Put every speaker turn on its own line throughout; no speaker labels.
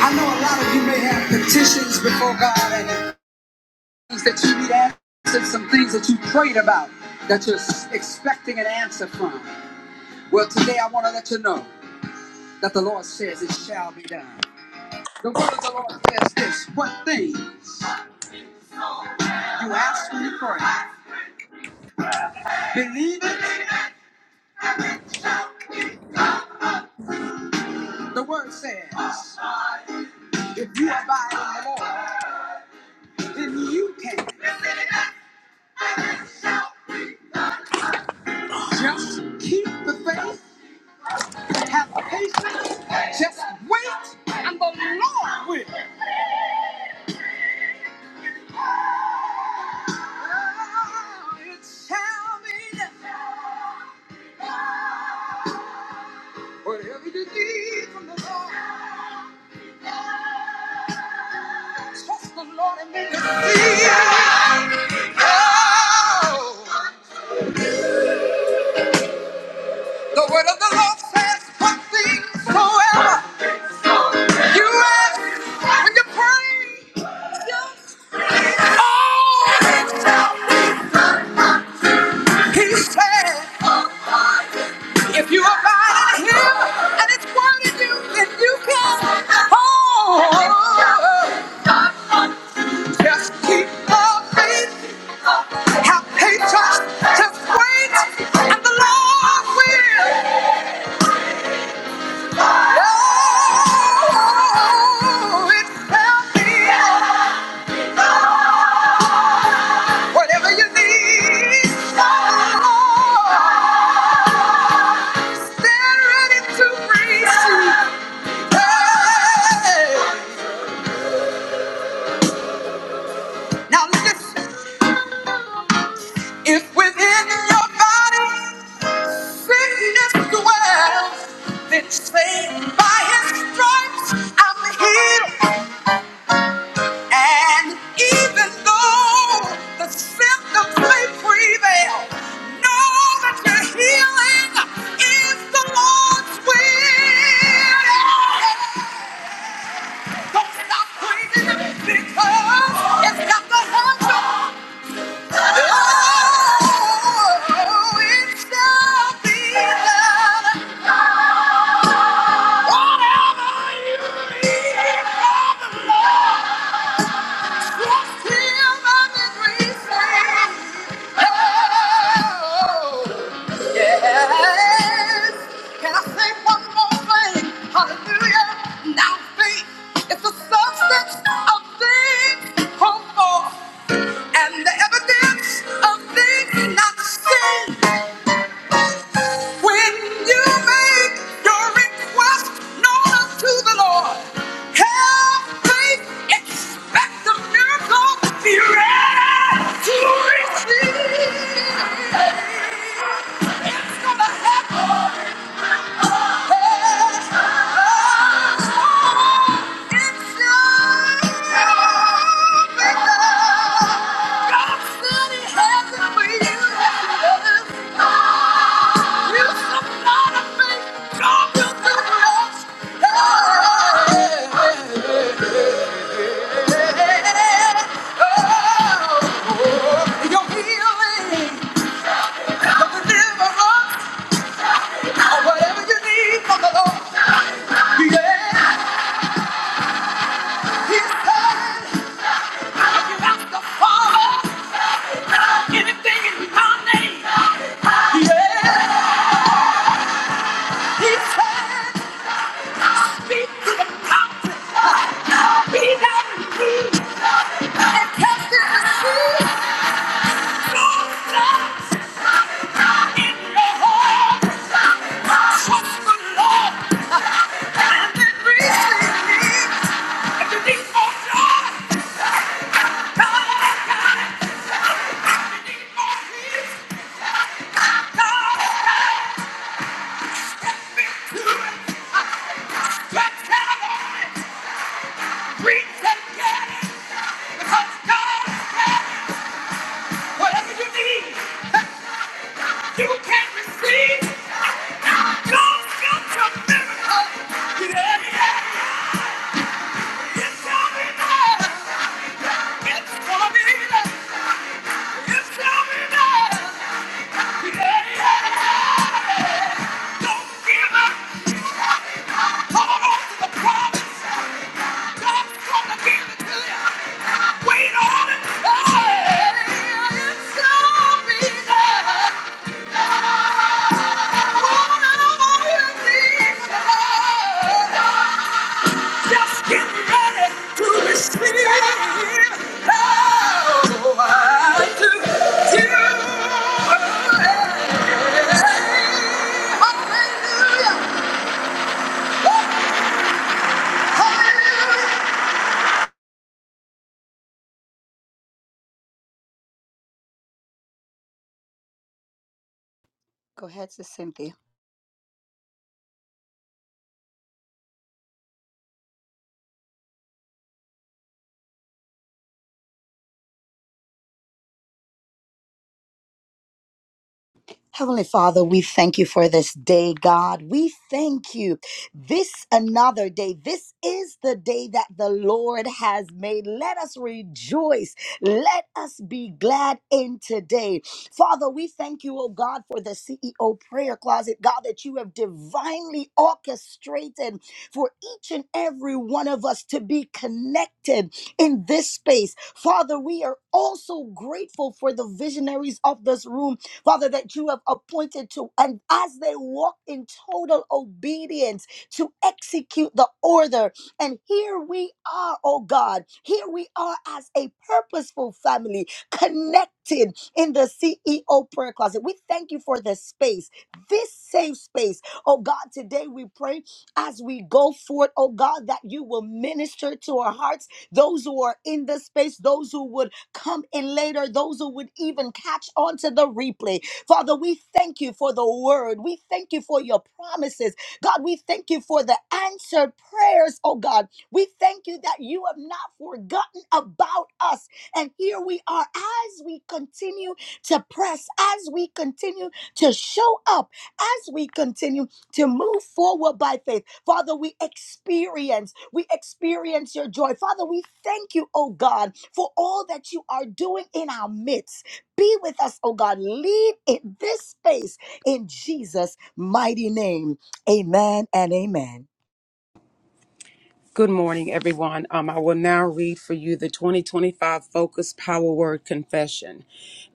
I know a lot of you may have petitions before God and things that you need answered, some things that you prayed about that you're expecting an answer from. Well, today I want to let you know that the Lord says it shall be done. The word of the Lord says this what things you ask when you pray, believe it. The word says, if you abide in the Lord, then you can. Just keep the faith, have patience, just wait, and the Lord will. Whatever you need from the Lord. The word of the Lord says one thing soever you ask when you pray. Oh, he said, if you abide in him and it's word in you, then you can. Oh, just keep the faith, have patience, just wait, and the Lord will. Oh, Whatever you need, oh, stand ready to receive. Hey. Now if within your body sickness dwells, then say by his stripes I'm healed. And even though the symptoms may prevail, know that your healing is the Lord's will. Don't stop breathing because it's got the hands of Oh, it shall be done. Whatever you need from the Lord. And the evidence of things not seen. When you make your request known unto the Lord, have faith, expect a miracle, be ready to receive. Whatever you need from the yeah, He said, I can ask the Father anything in my name. Let's have it! Reach and get it because God has whatever you need. You can receive. God built your miracle. Yeah, yeah. It shall be done. It's gonna be done. It shall be done. Don't give up. Hold on to the promise. God's gonna give it to you. Wait on it. Hey, it's gonna be there. Whatever you need, just get ready to receive. Oh, I do. You. Hallelujah. Hallelujah. Go ahead, Sister Cynthia. Heavenly Father, we thank you for this day, God. We thank you. This another day. This is the day that the Lord has made. Let us rejoice. Let us be glad in today. Father, we thank you, oh God, for the CEO prayer closet, God, that you have divinely orchestrated for each and every one of us to be connected in this space. Father, we are also grateful for the visionaries of this room Father, that you have appointed to, and as they walk in total obedience to execute the order. And here we are, oh God, here we are as a purposeful family connected in the CEO prayer closet. We thank you for this space, this safe space. Oh God, today we pray as we go forth, oh God, that you will minister to our hearts, those who are in this space, those who would come in later, those who would even catch on to the replay. Father, we thank you for the word. We thank you for your promises. God, we thank you for the answered prayers, oh God. We thank you that you have not forgotten about us. And here we are as we continue to press, as we continue to show up, as we continue to move forward by faith. Father, we experience, we experience your joy. Father, we thank you, oh God, for all that you are doing in our midst. Be with us, oh God. Lead in this space in Jesus' mighty name. Amen and amen.
Good morning, everyone. Um, I will now read for you the 2025 Focus Power Word Confession.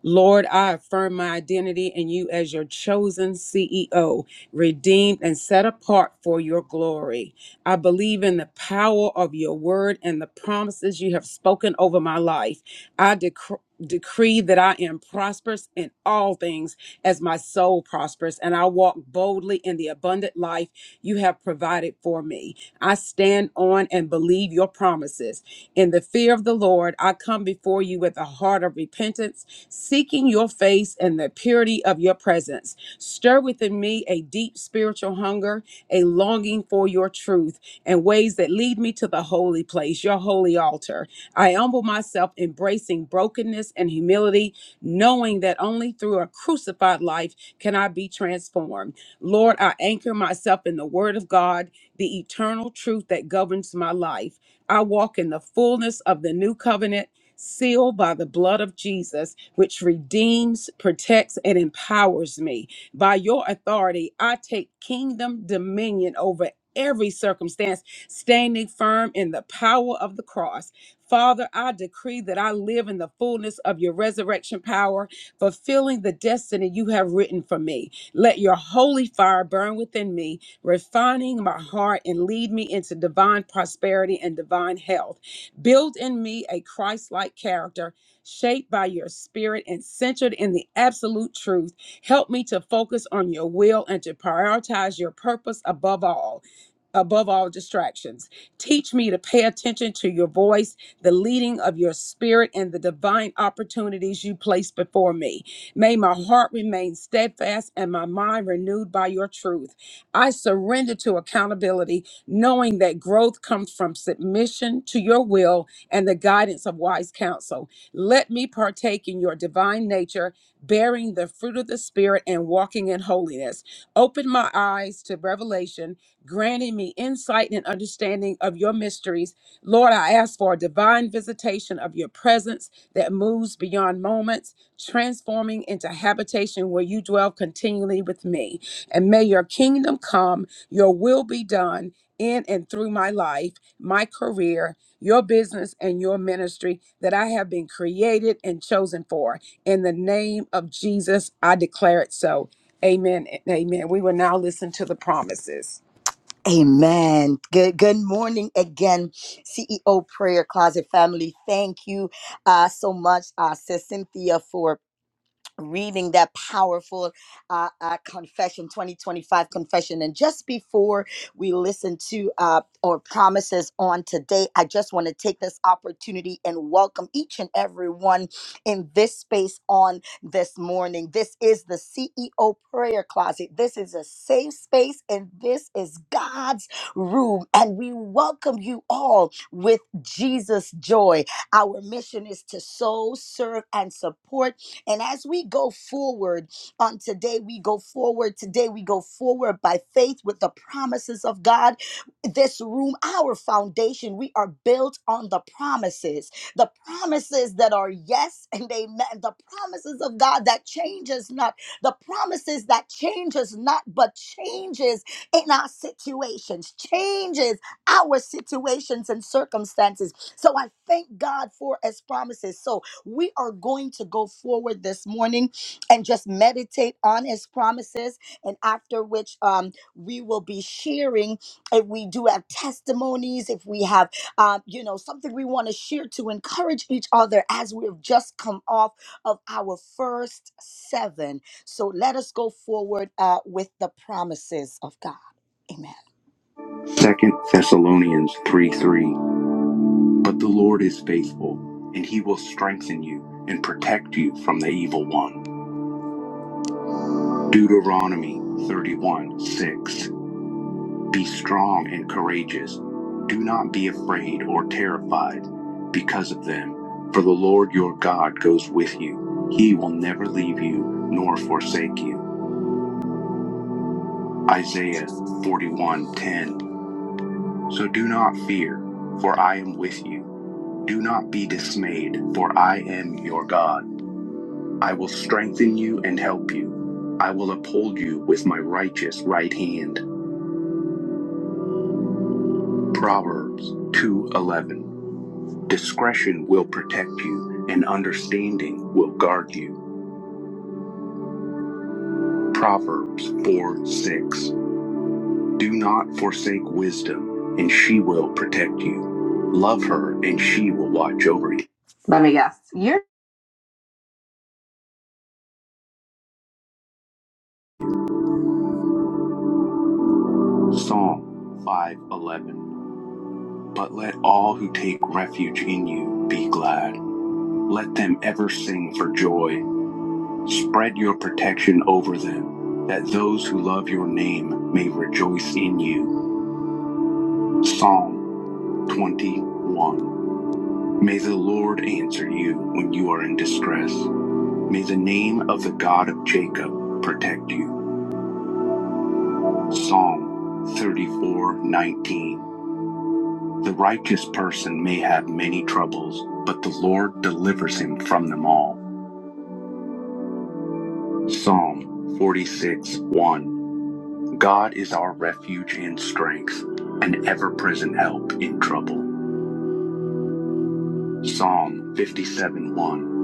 Lord, I affirm my identity in you as your chosen CEO, redeemed and set apart for your glory. I believe in the power of your word and the promises you have spoken over my life. I decree. Decree that I am prosperous in all things as my soul prospers, and I walk boldly in the abundant life you have provided for me. I stand on and believe your promises. In the fear of the Lord, I come before you with a heart of repentance, seeking your face and the purity of your presence. Stir within me a deep spiritual hunger, a longing for your truth, and ways that lead me to the holy place, your holy altar. I humble myself, embracing brokenness and humility, knowing that only through a crucified life can I be transformed. Lord, I anchor myself in the word of God the eternal truth that governs my life. I walk in the fullness of the new covenant, sealed by the blood of Jesus, which redeems, protects, and empowers me. By your authority, I take kingdom dominion over every circumstance, standing firm in the power of the cross. Father, I decree that I live in the fullness of your resurrection power, fulfilling the destiny you have written for me. Let your holy fire burn within me, refining my heart and lead me into divine prosperity and divine health. Build in me a Christ like character shaped by your spirit and centered in the absolute truth. Help me to focus on your will and to prioritize your purpose above all above all distractions. Teach me to pay attention to your voice, the leading of your spirit, and the divine opportunities you place before me. May my heart remain steadfast and my mind renewed by your truth. I surrender to accountability, knowing that growth comes from submission to your will and the guidance of wise counsel. Let me partake in your divine nature, bearing the fruit of the Spirit and walking in holiness. Open my eyes to revelation granting me insight and understanding of your mysteries. Lord, I ask for a divine visitation of your presence that moves beyond moments, transforming into habitation where you dwell continually with me. And may your kingdom come, your will be done in and through my life, my career, your business, and your ministry that I have been created and chosen for. In the name of Jesus, I declare it so. Amen and amen. We will now listen to the promises.
Amen. Good good morning again, CEO Prayer Closet family. Thank you uh, so much, uh, Sis Cynthia, for reading that powerful uh, uh, confession 2025 confession and just before we listen to uh, our promises on today i just want to take this opportunity and welcome each and every one in this space on this morning this is the ceo prayer closet this is a safe space and this is god's room and we welcome you all with jesus joy our mission is to sow serve and support and as we go forward on today, we go forward. Today, we go forward by faith with the promises of God. This room, our foundation, we are built on the promises, the promises that are yes and amen, the promises of God that changes not, the promises that changes not, but changes in our situations, changes our situations and circumstances. So I thank God for his promises. So we are going to go forward this morning and just meditate on his promises, and after which um, we will be sharing if we do have testimonies, if we have, um, you know, something we want to share to encourage each other as we have just come off of our first seven. So let us go forward uh, with the promises of God. Amen. Second Thessalonians 3 3. But the Lord is faithful, and he will strengthen you and protect you from the evil one. Deuteronomy 31 6. Be strong and courageous. Do not be afraid or terrified because of them, for the Lord your God goes with you. He will never leave you nor forsake you. Isaiah 41:10. So do not fear, for I am with you. Do not be dismayed, for I am your God. I will strengthen you and help you. I will uphold you with my righteous right hand. Proverbs 2:11. Discretion will protect you and understanding will guard you. Proverbs 4:6. Do not forsake wisdom and she will protect you. Love her and she will watch over you. Psalm 5:11. But let all who take refuge in you be glad. Let them ever sing for joy Spread your protection over them, that those who love your name may rejoice in you. Psalm 21. May the Lord answer you when you are in distress. May the name of the God of Jacob protect you. Psalm 34:19. The righteous person may have many troubles, but the Lord delivers him from them all. Psalm 46:1. God is our refuge and strength, an ever present help in trouble. Psalm 57 1.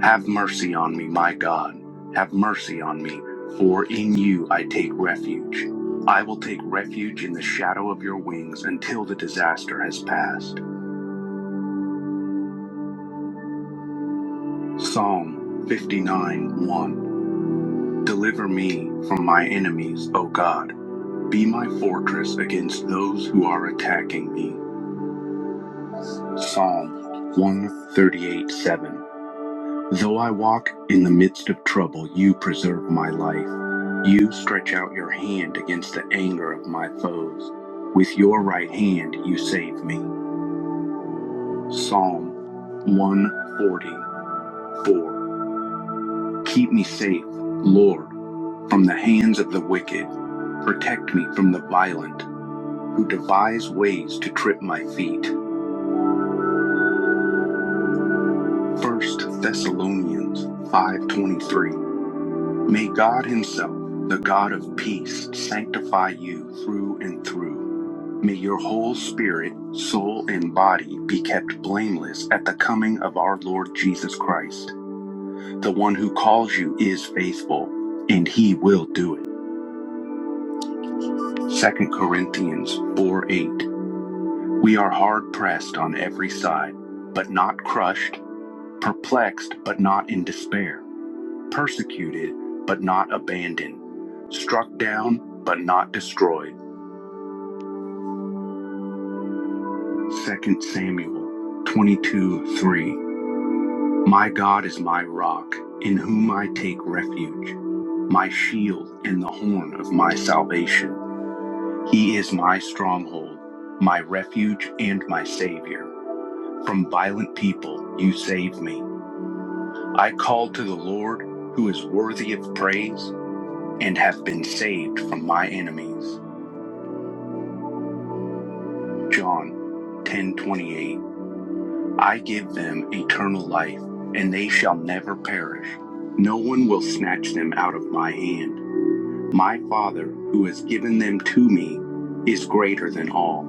Have mercy on me, my God. Have mercy on me, for in you I take refuge. I will take refuge in the shadow of your wings until the disaster has passed. Psalm 59 1. Deliver me from my enemies, O God. Be my fortress against those who are attacking me. Psalm 138 7. Though I walk in the midst of trouble, you preserve my life. You stretch out your hand against the anger of my foes. With your right hand, you save me. Psalm 144. Keep me safe, Lord, from the hands of the wicked. Protect me from the violent who devise ways to trip my feet. First Thessalonians 5:23 May God Himself, the God of peace, sanctify you through and through. May your whole spirit, soul, and body be kept blameless at the coming of our Lord Jesus Christ. The one who calls you is faithful, and He will do it. Second Corinthians 4 8. We are hard pressed on every side, but not crushed, perplexed, but not in despair, persecuted, but not abandoned, struck down, but not destroyed 2 Samuel 22 3. My God is my rock, in whom I take refuge, my shield and the horn of my salvation. He is my stronghold, my refuge, and my Savior. From violent people you save me. I called to the Lord, who is worthy of praise, and have been saved from my enemies. John ten twenty eight. I give them eternal life, and they shall never perish. No one will snatch them out of my hand. My Father, who has given them to me, is greater than all.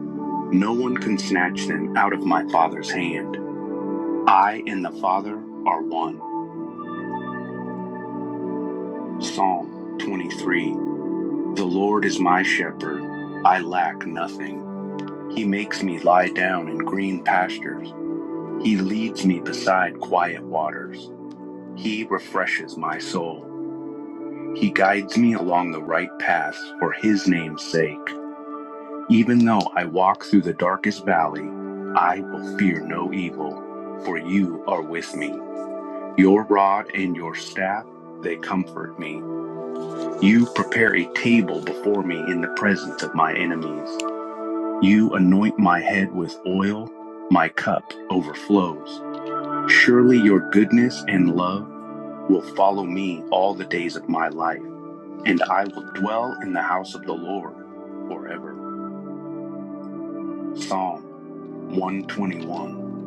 No one can snatch them out of my Father's hand. I and the Father are one. Psalm 23 The Lord is my shepherd. I lack nothing. He makes me lie down in green pastures. He leads me beside quiet waters. He refreshes my soul. He guides me along the right path for his name's sake. Even though I walk through the darkest valley, I will fear no evil, for you are with me. Your rod and your staff, they comfort me. You prepare a table before me in the presence of my enemies. You anoint my head with oil, my cup overflows. Surely your goodness and love will follow me all the days of my life and I will dwell in the house of the Lord forever. Psalm 121.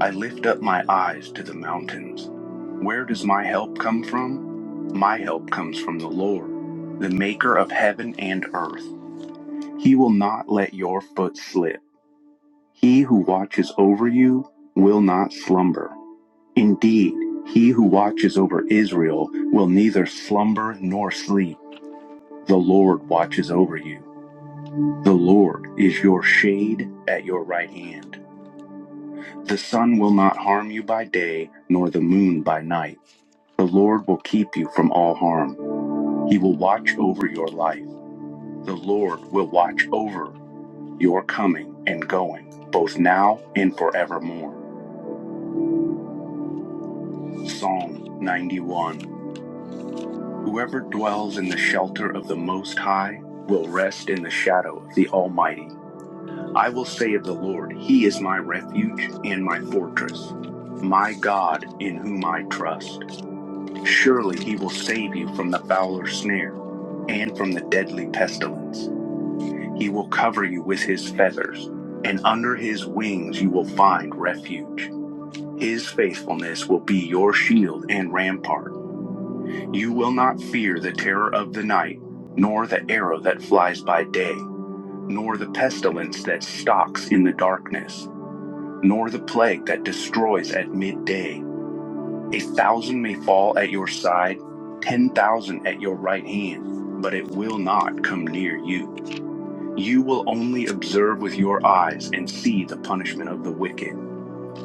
I lift up my eyes to the mountains. Where does my help come from? My help comes from the Lord, the maker of heaven and earth. He will not let your foot slip. He who watches over you will not slumber. Indeed, he who watches over Israel will neither slumber nor sleep. The Lord watches over you. The Lord is your shade at your right hand. The sun will not harm you by day, nor the moon by night. The Lord will keep you from all harm. He will watch over your life. The Lord will watch over your coming and going, both now and forevermore. Psalm 91 Whoever dwells in the shelter of the Most High will rest in the shadow of the Almighty. I will say of the Lord, He is my refuge and my fortress, my God in whom I trust. Surely He will save you from the fowler's snare and from the deadly pestilence. He will cover you with His feathers, and under His wings you will find refuge. His faithfulness will be your shield and rampart. You will not fear the terror of the night, nor the arrow that flies by day, nor the pestilence that stalks in the darkness nor the plague that destroys at midday. A thousand may fall at your side, ten thousand at your right hand, but it will not come near you. You will only observe with your eyes and see the punishment of the wicked.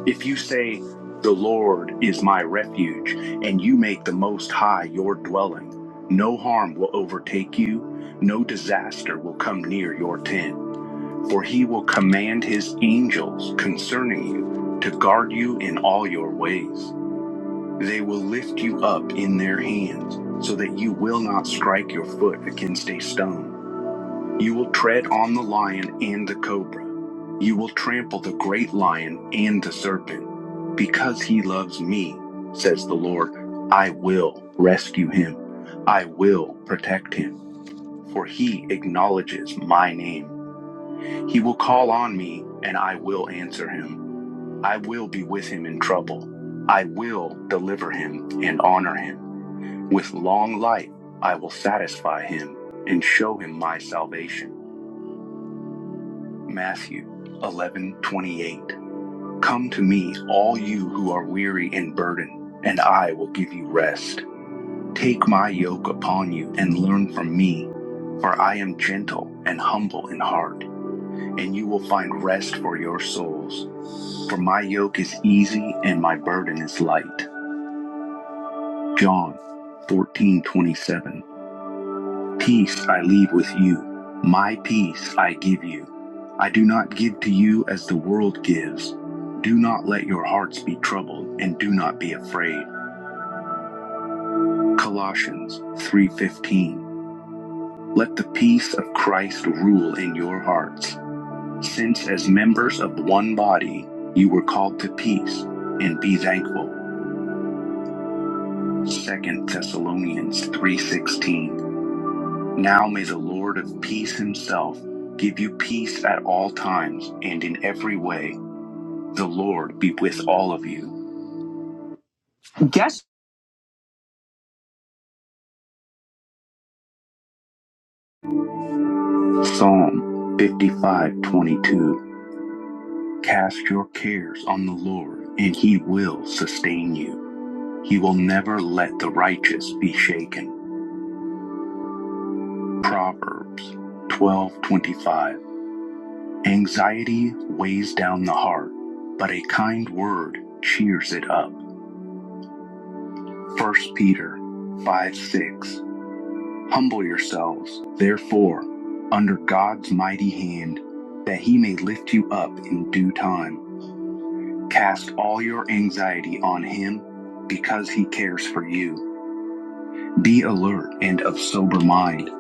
If you say, The Lord is my refuge, and you make the Most High your dwelling, no harm will overtake you, no disaster will come near your tent for he will command his angels concerning you to guard you in all your ways. They will lift you up in their hands so that you will not strike your foot against a stone. You will tread on the lion and the cobra. You will trample the great lion and the serpent. Because he loves me, says the Lord, I will rescue him. I will protect him, for he acknowledges my name. He will call on me, and I will answer him. I will be with him in trouble. I will deliver him and honor him. With long life, I will satisfy him and show him my salvation. Matthew 11:28. Come to me, all you who are weary and burdened, and I will give you rest. Take my yoke upon you and learn from me, for I am gentle and humble in heart, and you will find rest for your souls. For my yoke is easy and my burden is light. John 14:27. Peace I leave with you. My peace I give you. I do not give to you as the world gives. Do not let your hearts be troubled and do not be afraid. Colossians 3:15. Let the peace of Christ rule in your hearts, since as members of one body you were called to peace and be thankful. Second Thessalonians 3:16 Now may the Lord of peace himself give you peace at all times and in every way the Lord be with all of you Psalm 55:22 Cast your cares on the Lord and he will sustain you he will never let the righteous be shaken Proverbs 12:25 Anxiety weighs down the heart but a kind word cheers it up First Peter 5 6. Humble yourselves, therefore, under God's mighty hand, that he may lift you up in due time. Cast all your anxiety on him because he cares for you. Be alert and of sober mind.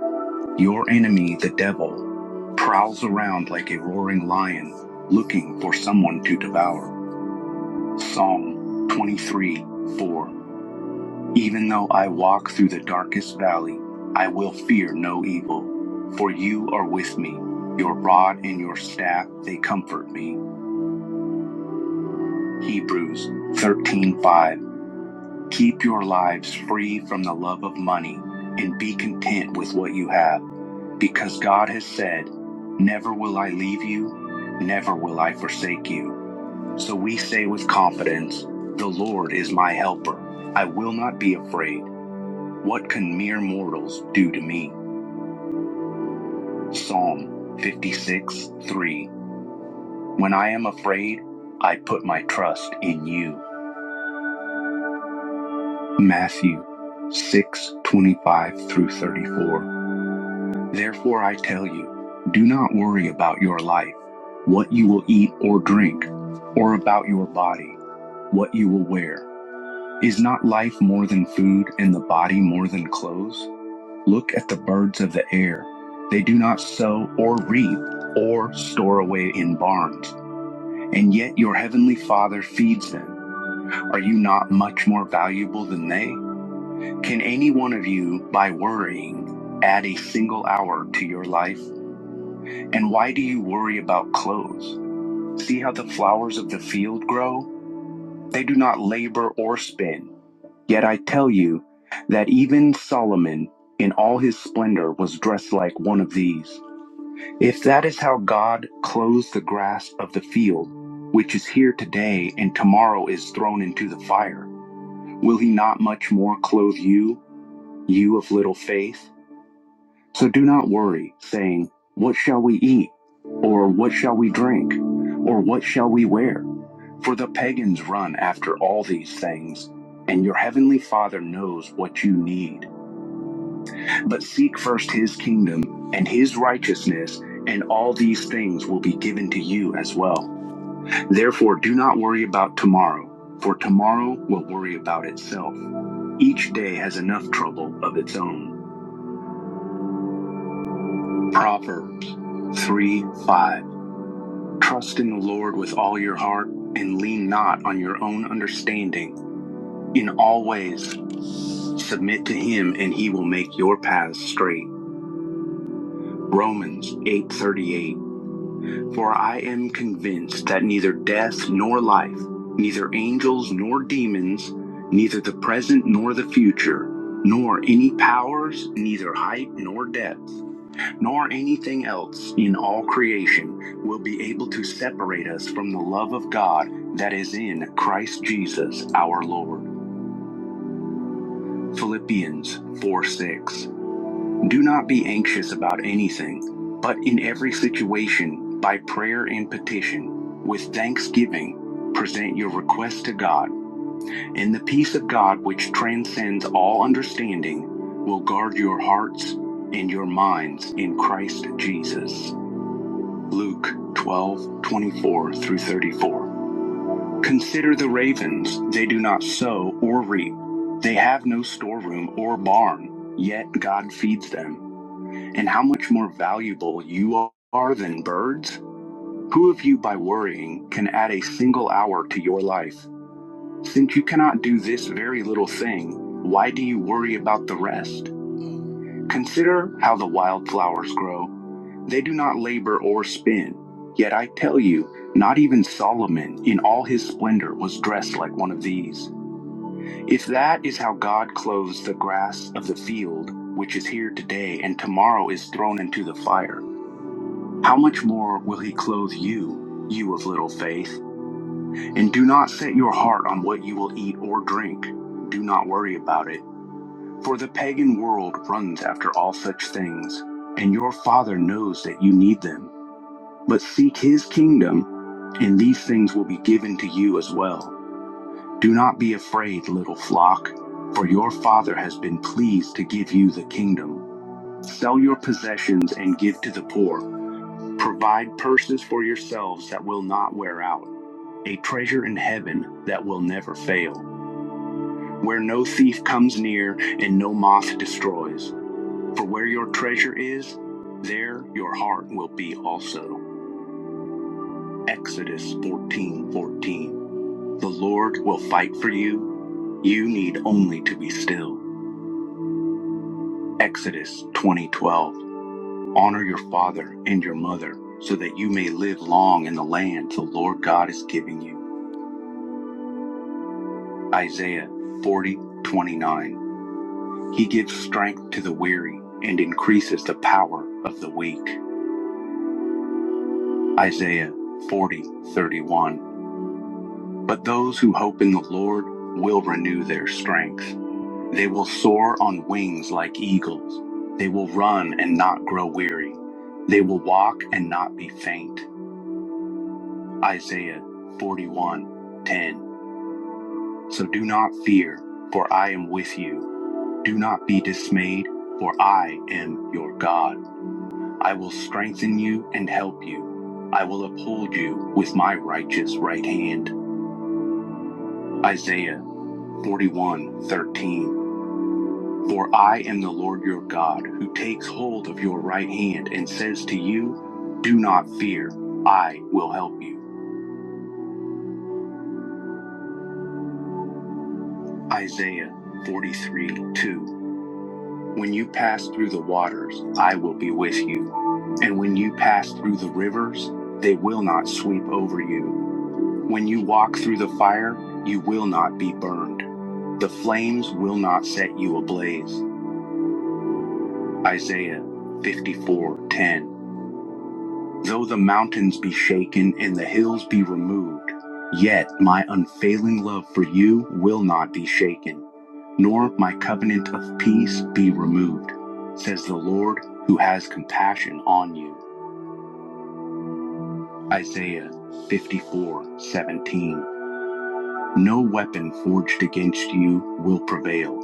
Your enemy, the devil, prowls around like a roaring lion, looking for someone to devour. Psalm 23 4. Even though I walk through the darkest valley, I will fear no evil, for you are with me. Your rod and your staff, they comfort me. Hebrews 13:5. Keep your lives free from the love of money and be content with what you have, because God has said, "Never will I leave you, never will I forsake you." So we say with confidence, "The Lord is my helper. I will not be afraid. What can mere mortals do to me?" Psalm 56 3. When I am afraid, I put my trust in you. Matthew 6:25 through 34. Therefore I tell you, do not worry about your life, what you will eat or drink, or about your body, what you will wear. Is not life more than food and the body more than clothes? Look at the birds of the air. They do not sow or reap or store away in barns and yet your heavenly Father feeds them. Are you not much more valuable than they? Can any one of you, by worrying, add a single hour to your life? And why do you worry about clothes? See how the flowers of the field grow? They do not labor or spin. Yet I tell you that even Solomon, in all his splendor, was dressed like one of these. If that is how God clothes the grass of the field, which is here today and tomorrow is thrown into the fire, will he not much more clothe you, you of little faith? So do not worry, saying, What shall we eat? Or what shall we drink? Or what shall we wear? For the pagans run after all these things, and your heavenly Father knows what you need. But seek first his kingdom and his righteousness, and all these things will be given to you as well. Therefore, do not worry about tomorrow, for tomorrow will worry about itself. Each day has enough trouble of its own. Proverbs 3 5. Trust in the Lord with all your heart and lean not on your own understanding. In all ways, submit to him, and he will make your paths straight. Romans 8:38 For I am convinced that neither death nor life, neither angels nor demons, neither the present nor the future, nor any powers, neither height nor depth, nor anything else in all creation will be able to separate us from the love of God that is in Christ Jesus our Lord. Philippians 4:6. Do not be anxious about anything, but in every situation, by prayer and petition, with thanksgiving, present your requests to God, and the peace of God, which transcends all understanding, will guard your hearts and your minds in Christ Jesus. Luke 12:24 through 34. Consider the ravens, they do not sow or reap, they have no storeroom or barn, yet God feeds them and how much more valuable you are than birds? Who of you by worrying can add a single hour to your life? Since you cannot do this very little thing, why do you worry about the rest? Consider how the wild flowers grow. They do not labor or spin. Yet I tell you, not even Solomon in all his splendor was dressed like one of these. If that is how God clothes the grass of the field, which is here today and tomorrow is thrown into the fire, How much more will he clothe you, you of little faith? And do not set your heart on what you will eat or drink. Do not worry about it. For the pagan world runs after all such things, and your Father knows that you need them. But seek his kingdom, and these things will be given to you as well. Do not be afraid, little flock, for your Father has been pleased to give you the kingdom. Sell your possessions and give to the poor. Provide purses for yourselves that will not wear out, a treasure in heaven that will never fail, where no thief comes near and no moth destroys. For where your treasure is, there your heart will be also. Exodus 14:14. The Lord will fight for you. You need only to be still. Exodus 20:12. Honor your father and your mother so that you may live long in the land the Lord God is giving you. Isaiah 40:29. He gives strength to the weary and increases the power of the weak. Isaiah 40:31. But those who hope in the Lord will renew their strength. They will soar on wings like eagles. They will run and not grow weary. They will walk and not be faint. Isaiah 41:10. So do not fear, for I am with you. Do not be dismayed, for I am your God. I will strengthen you and help you. I will uphold you with my righteous right hand. Isaiah 41:13. For I am the Lord your God, who takes hold of your right hand and says to you, Do not fear, I will help you. Isaiah forty-three, two. When you pass through the waters, I will be with you. And when you pass through the rivers, they will not sweep over you. When you walk through the fire, you will not be burned. The flames will not set you ablaze. Isaiah 54:10. Though the mountains be shaken and the hills be removed, yet my unfailing love for you will not be shaken, nor my covenant of peace be removed, says the Lord who has compassion on you. Isaiah 54:17. No weapon forged against you will prevail,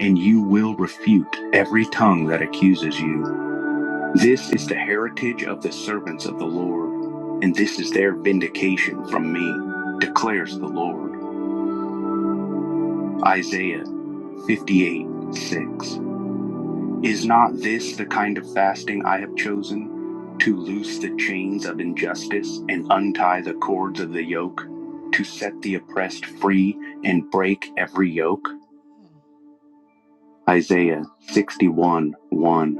and you will refute every tongue that accuses you. This is the heritage of the servants of the Lord, and this is their vindication from me, declares the Lord. Isaiah 58 6. Is not this the kind of fasting I have chosen? To loose the chains of injustice and untie the cords of the yoke, to set the oppressed free and break every yoke? Isaiah 61 1.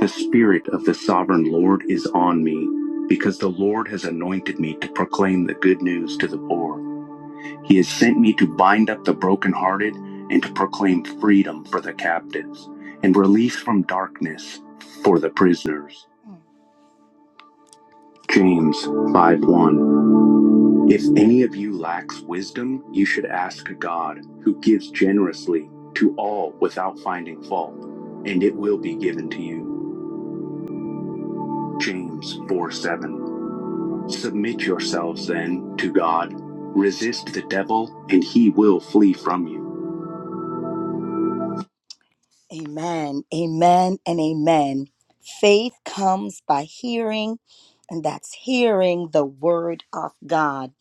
The Spirit of the Sovereign Lord is on me, because the Lord has anointed me to proclaim the good news to the poor. He has sent me to bind up the brokenhearted and to proclaim freedom for the captives and release from darkness for the prisoners. James 5 1. If any of you lacks wisdom, you should ask God, who gives generously to all without finding fault, and it will be given to you. James 4 7. Submit yourselves then to God. Resist the devil, and he will flee from you. Amen. Amen and amen. Faith comes by hearing, and that's hearing the word of God.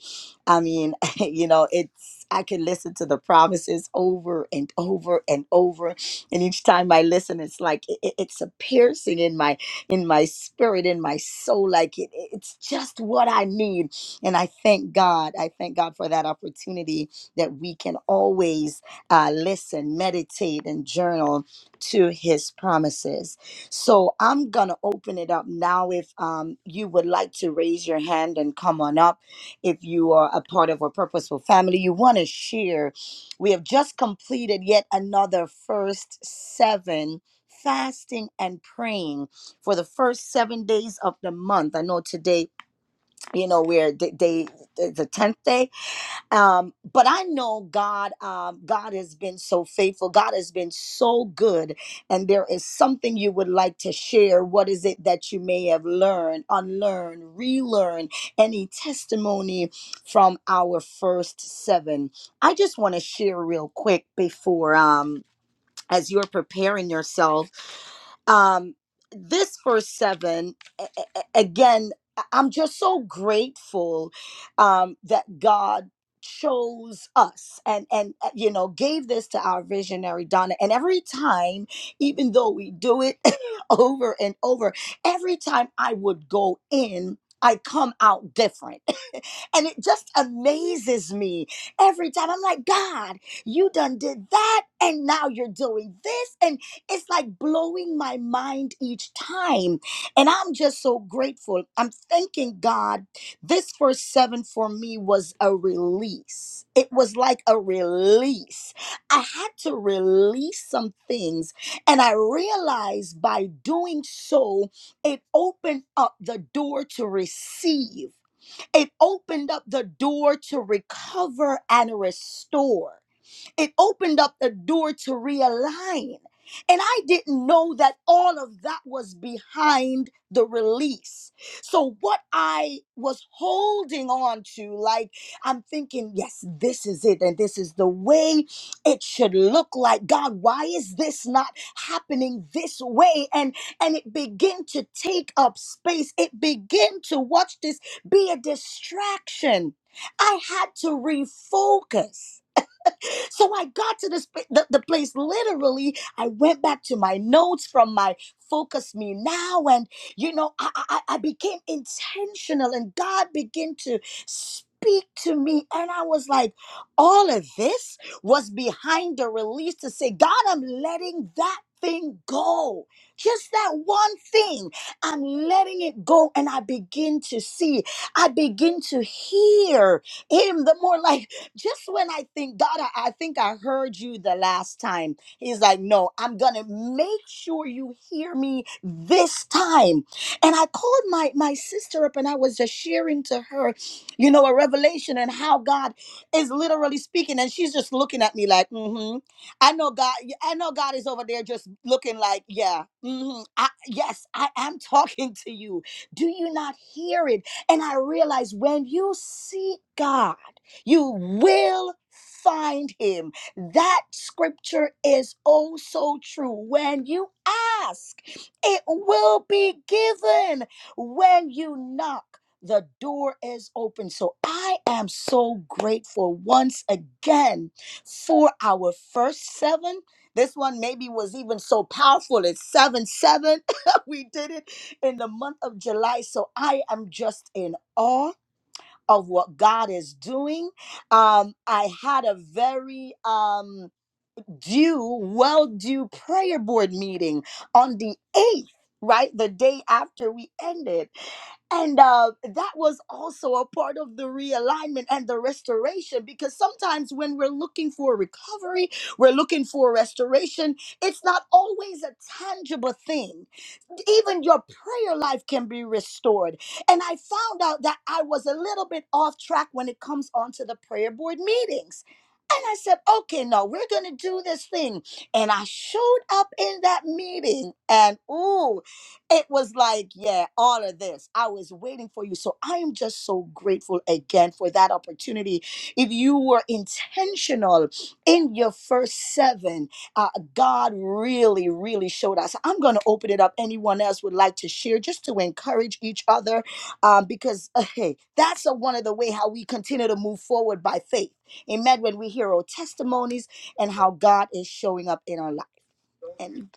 I mean, you know, it's I can listen to the promises over and over and over, and each time I listen, it's like it, it- it's a piercing in my in my spirit, in my soul. Like it, it- it's just what I need, and I thank God. I thank God for that opportunity that we can always uh, listen, meditate, and journal to His promises. So I'm gonna open it up now. If um, you would like to raise your hand and come on up if you are a part of a purposeful family, you want to share. We have just completed yet another first seven fasting and praying for the first seven days of the month. I know today, you know, we're d- day the tenth day, um but i know god um god has been so faithful god has been so good and there is something you would like to share what is it that you may have learned unlearned relearned any testimony from our first seven i just want to share real quick before um as you're preparing yourself um this verse 7 a- a- a- again I- i'm just so grateful um that god chose us and and uh, you know gave this to our visionary donna and every time even though we do it over and over every time i would go in i come out different and it just amazes me every time. I'm like, God, you done did that, and now you're doing this. And it's like blowing my mind each time. And I'm just so grateful. I'm thanking God. This first seven for me was a release. It was like a release. I had to release some things. And I realized by doing so, it opened up the door to receive. It opened up the door to recover and restore. It opened up the door to realign. And I didn't know that all of that was behind the release. So, what I was holding on to, like, I'm thinking, yes, this is it, and this is the way it should look like. God, why is this not happening this way? And and it began to take up space. It began to watch this be a distraction. I had to refocus. So I got to this pla- the, the place literally. I went back to my notes from my focus me now and you know I, I I I became intentional and God began to speak to me and I was like all of this was behind the release to say God I'm letting that thing go just that one thing I'm letting it go and I begin to see I begin to hear him the more like just when I think, God, I, I think I heard you the last time. He's like, no, I'm going to make sure you hear me this time. And I called my, my sister up and I was just sharing to her, you know, a revelation and how God is literally speaking. And she's just looking at me like, mm-hmm. I know God, I know God is over there just looking like, yeah, mm-hmm, I, yes, I am talking to you. Do you not hear it? And I realized when you seek God, you will find him. That scripture is also true. When you ask, it will be given. When you knock, the door is open. So I am so grateful once again for our first seven. This one maybe was even so powerful. It's 7 7. we did it in the month of July. So I am just in awe of what God is doing. Um, I had a very um, due, well due prayer board meeting on the 8th, right? The day after we ended. And uh, that was also a part of the realignment and the restoration because sometimes when we're looking for recovery, we're looking for restoration, it's not always a tangible thing. Even your prayer life can be restored. And I found out that I was a little bit off track when it comes onto the prayer board meetings and I said, okay, no, we're going to do this thing. And I showed up in that meeting, and ooh, it was like, yeah, all of this. I was waiting for you. So I am just so grateful again for that opportunity. If you were intentional in your first seven, uh, God really, really showed us. I'm going to open it up. Anyone else would like to share just to encourage each other um, because uh, hey, that's a, one of the way how we continue to move forward by faith Amen. When we hear our testimonies and how God is showing up in our life. And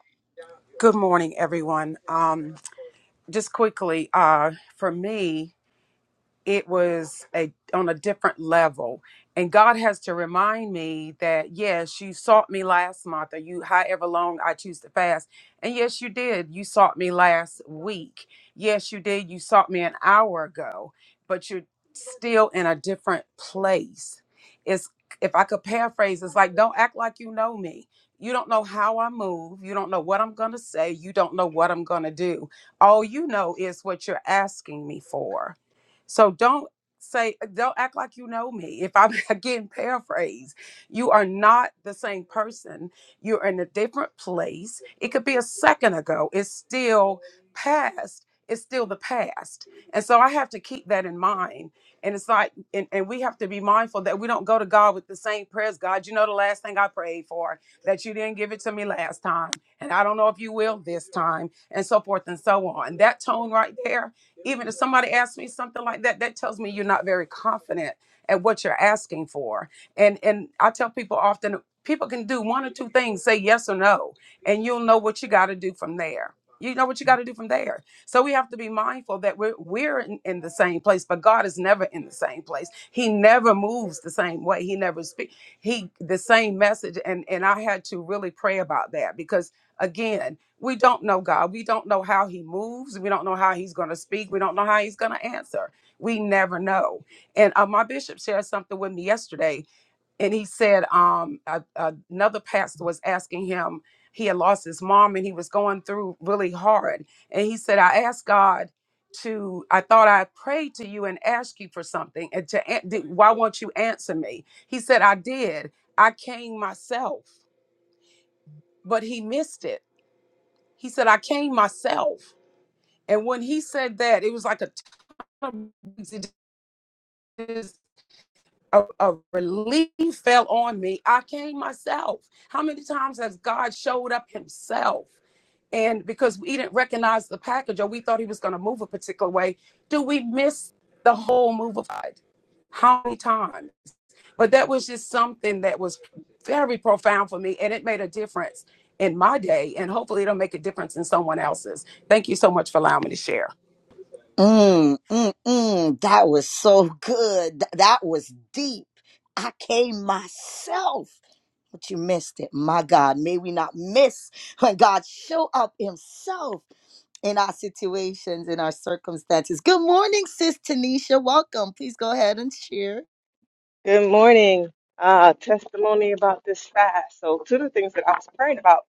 Good morning, everyone. Um, just quickly, uh, for me, it was a on a different level and god has to remind me that yes you sought me last month or you however long i choose to fast and yes you did you sought me last week yes you did you sought me an hour ago but you're still in a different place it's if i could paraphrase it's like don't act like you know me you don't know how i move you don't know what i'm going to say you don't know what i'm going to do all you know is what you're asking me for so don't say, don't act like you know me. If I'm again paraphrase, you are not the same person. You're in a different place. It could be a second ago. It's still past. It's still the past. And so I have to keep that in mind. And it's like, and, and we have to be mindful that we don't go to God with the same prayers. God, you know the last thing I prayed for, that you didn't give it to me last time. And I don't know if you will this time, and so forth and so on. That tone right there even if somebody asks me something like that, that tells me you're not very confident at what you're asking for. And and I tell people often people can do one or two things, say yes or no, and you'll know what you got to do from there. You know what you got to do from there. So we have to be mindful that we're we're in, in the same place, but God is never in the same place. He never moves the same way. He never speaks he the same message. And and I had to really pray about that because again. We don't know God. We don't know how he moves. We don't know how he's going to speak. We don't know how he's going to answer. We never know. And uh, my bishop shared something with me yesterday, and he said um, a, another pastor was asking him, he had lost his mom and he was going through really hard. And he said, I asked God to, I thought I prayed to you and asked you for something. And to, an- did- why won't you answer me? He said, I did. I came myself, but he missed it. He said, I came myself and when he said that, it was like a ton of a, a relief fell on me. I came myself. How many times has God showed up himself? And because we didn't recognize the package or we thought he was going to move a particular way, do we miss the whole move of God? How many times? But that was just something that was very profound for me and it made a difference in my day. And hopefully it'll make a difference in someone else's. Thank you so much for allowing me to share.
Mm, mm, mm. That was so good. Th- that was deep. I came myself, but you missed it. My God, may we not miss when God show up himself in our situations, in our circumstances. Good morning, Sis Tanisha. Welcome. Please go ahead and share.
Good morning. Uh, testimony about this fast. So, two of the things that I was praying about.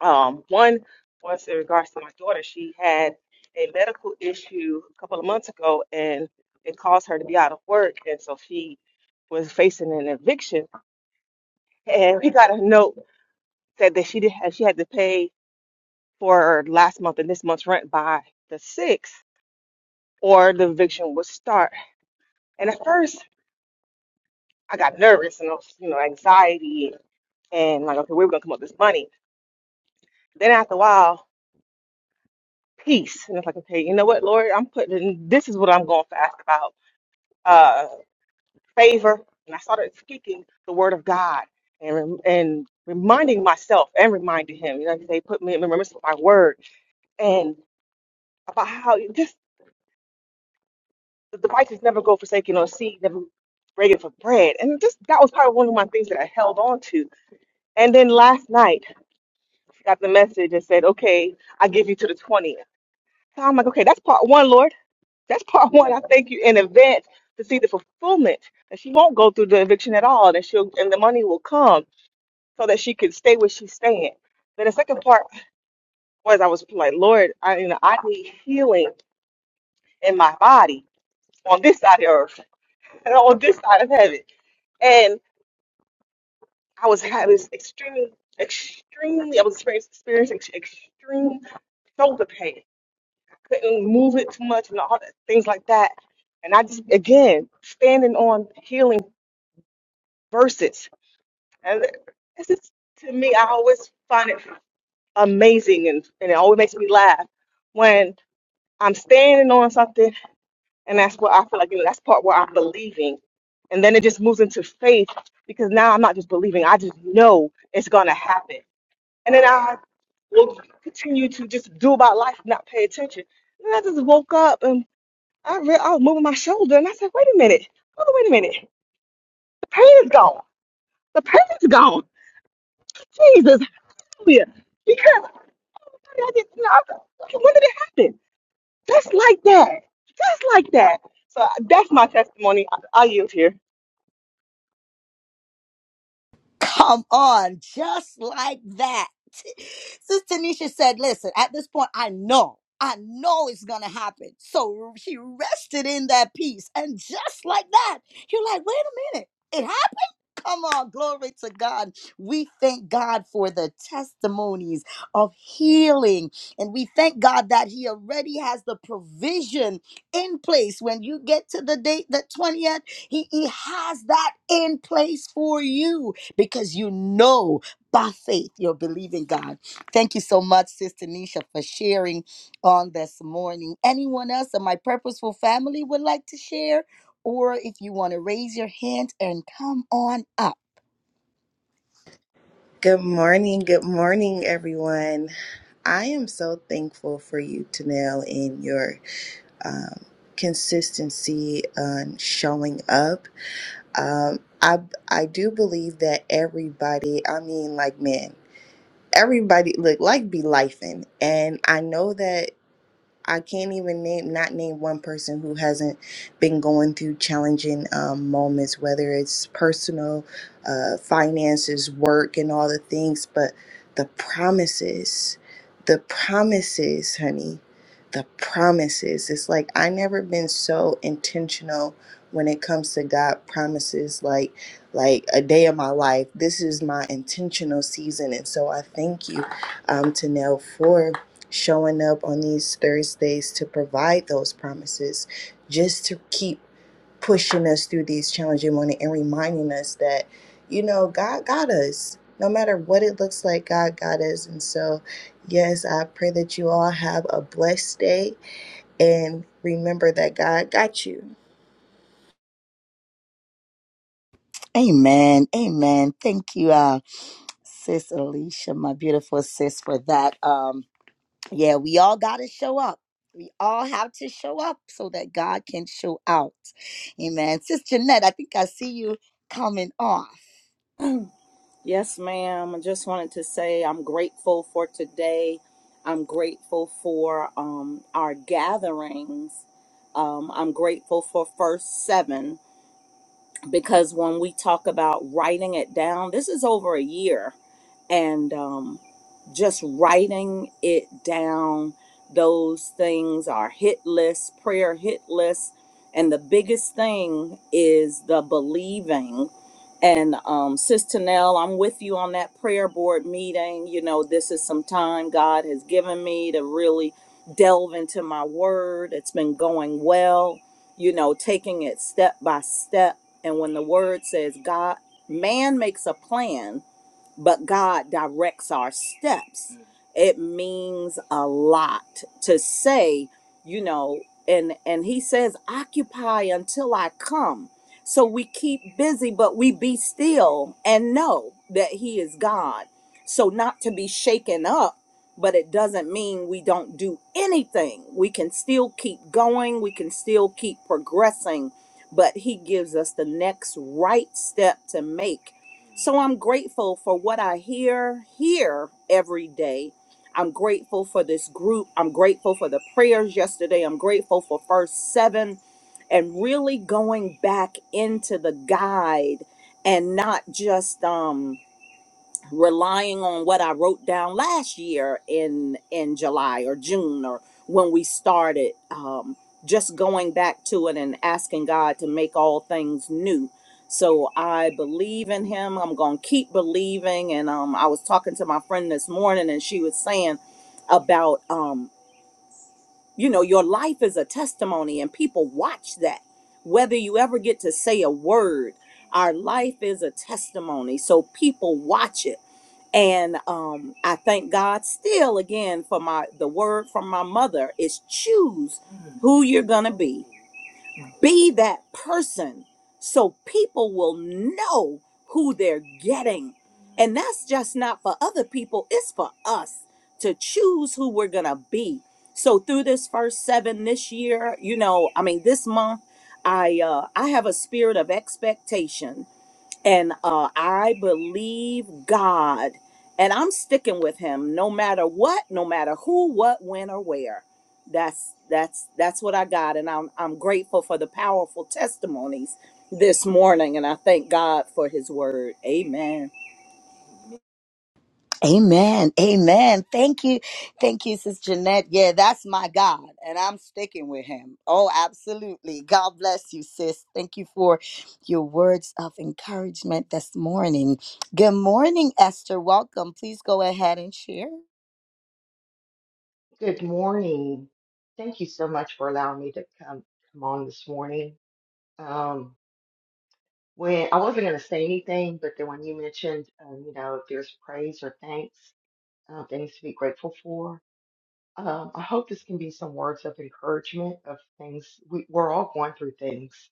Um, one was in regards to my daughter. She had a medical issue a couple of months ago, and it caused her to be out of work, and so she was facing an eviction. And we got a note said that she did have, she had to pay for last month and this month's rent by the sixth, or the eviction would start. And at first, I got nervous and I was, you know, anxiety and like, okay, where we gonna come up with this money? Then after a while, peace. And it's like, okay, you know what, Lord, I'm putting this is what I'm going to ask about uh, favor. And I started speaking the word of God and rem- and reminding myself and reminding him. You know, they put me in remembrance of my word and about how you just the righteous never go forsaken or seed never begging for bread. And just that was probably one of my things that I held on to. And then last night, got the message and said, okay, I give you to the 20th. So I'm like, okay, that's part one, Lord. That's part one. I thank you in advance to see the fulfillment that she won't go through the eviction at all, and she'll and the money will come so that she can stay where she's staying. Then the second part was I was like, Lord, I you know I need healing in my body on this side of earth and on this side of heaven, and I was having this extreme, extremely, I was experiencing, experiencing extreme shoulder pain. Couldn't move it too much and all that, things like that. And I just again standing on healing verses. And this is to me, I always find it amazing and, and it always makes me laugh when I'm standing on something and that's what I feel like, you know, that's part where I'm believing. And then it just moves into faith because now I'm not just believing, I just know it's gonna happen. And then I will continue to just do about life, not pay attention. And I just woke up and I, re- I was moving my shoulder and I said, wait a minute, hold on, wait a minute. The pain is gone. The pain is gone. Jesus. Hallelujah. Because I thought I you know, I thought, okay, when did it happen? Just like that. Just like that. So that's my testimony. I, I yield here.
Come on, just like that. Sister Nisha said, Listen, at this point, I know, I know it's gonna happen. So she rested in that peace. And just like that, you're like, Wait a minute, it happened. Come on, glory to God. We thank God for the testimonies of healing. And we thank God that He already has the provision in place. When you get to the date, the 20th, He, he has that in place for you because you know by faith you're believing God. Thank you so much, Sister Nisha, for sharing on this morning. Anyone else in my purposeful family would like to share? Or if you want to raise your hand and come on up.
Good morning. Good morning, everyone. I am so thankful for you, Tanel, and your um, consistency on showing up. Um, I I do believe that everybody. I mean, like man, everybody look like be lifing, and I know that I can't even name not name one person who hasn't been going through challenging um, moments, whether it's personal, uh, finances, work, and all the things. But the promises, the promises, honey, the promises. It's like I never been so intentional when it comes to God promises. Like, like a day of my life. This is my intentional season, and so I thank you, um, Tanel, for showing up on these Thursdays to provide those promises, just to keep pushing us through these challenging moments and reminding us that, you know, God got us. No matter what it looks like, God got us. And so, yes, I pray that you all have a blessed day and remember that God got you.
Amen. Amen. Thank you, uh, Sis Alicia, my beautiful sis, for that. Um, Yeah, we all got to show up. We all have to show up so that God can show out. Amen. Sister Jeanette, I think I see you coming off.
Yes, ma'am. I just wanted to say I'm grateful for today. I'm grateful for um, our gatherings. Um, I'm grateful for First Seven because when we talk about writing it down, this is over a year. And um, just writing it down. Those things are hit lists, prayer hit lists. And the biggest thing is the believing. And um, Sister Nell, I'm with you on that prayer board meeting. You know, this is some time God has given me to really delve into my word. It's been going well, you know, taking it step by step. And when the word says God, man makes a plan, but God directs our steps. It means a lot to say, you know, and and he says occupy until I come. So we keep busy but we be still and know that he is God. So not to be shaken up, but it doesn't mean we don't do anything. We can still keep going, we can still keep progressing, but he gives us the next right step to make so I'm grateful for what I hear here every day. I'm grateful for this group. I'm grateful for the prayers yesterday. I'm grateful for first seven and really going back into the guide and not just um relying on what I wrote down last year in in July or June or when we started, um, just going back to it and asking God to make all things new. So I believe in Him. I'm gonna keep believing. And um, I was talking to my friend this morning, and she was saying about um, you know your life is a testimony, and people watch that. Whether you ever get to say a word, our life is a testimony, so people watch it and um, I thank God still again for my the word from my mother is choose who you're gonna be. Be that person so people will know who they're getting. And that's just not for other people, it's for us to choose who we're gonna be. So through this first seven this year, you know, I mean this month, I uh I have a spirit of expectation and uh, I believe God, and I'm sticking with Him no matter what, no matter who, what, when, or where. That's that's that's what I got, and I'm I'm grateful for the powerful testimonies this morning, and I thank God for His Word. Amen.
Amen. Amen. Thank you. Thank you, Sis Jeanette. Yeah, that's my God, and I'm sticking with him. Oh, absolutely. God bless you, sis. Thank you for your words of encouragement this morning. Good morning, Esther. Welcome. Please go ahead and share.
Good morning. Thank you so much for allowing me to come come on this morning. Um, when I wasn't going to say anything, but then when you mentioned, um, you know, if there's praise or thanks, uh, things to be grateful for, um, I hope this can be some words of encouragement of things. We, we're all going through things.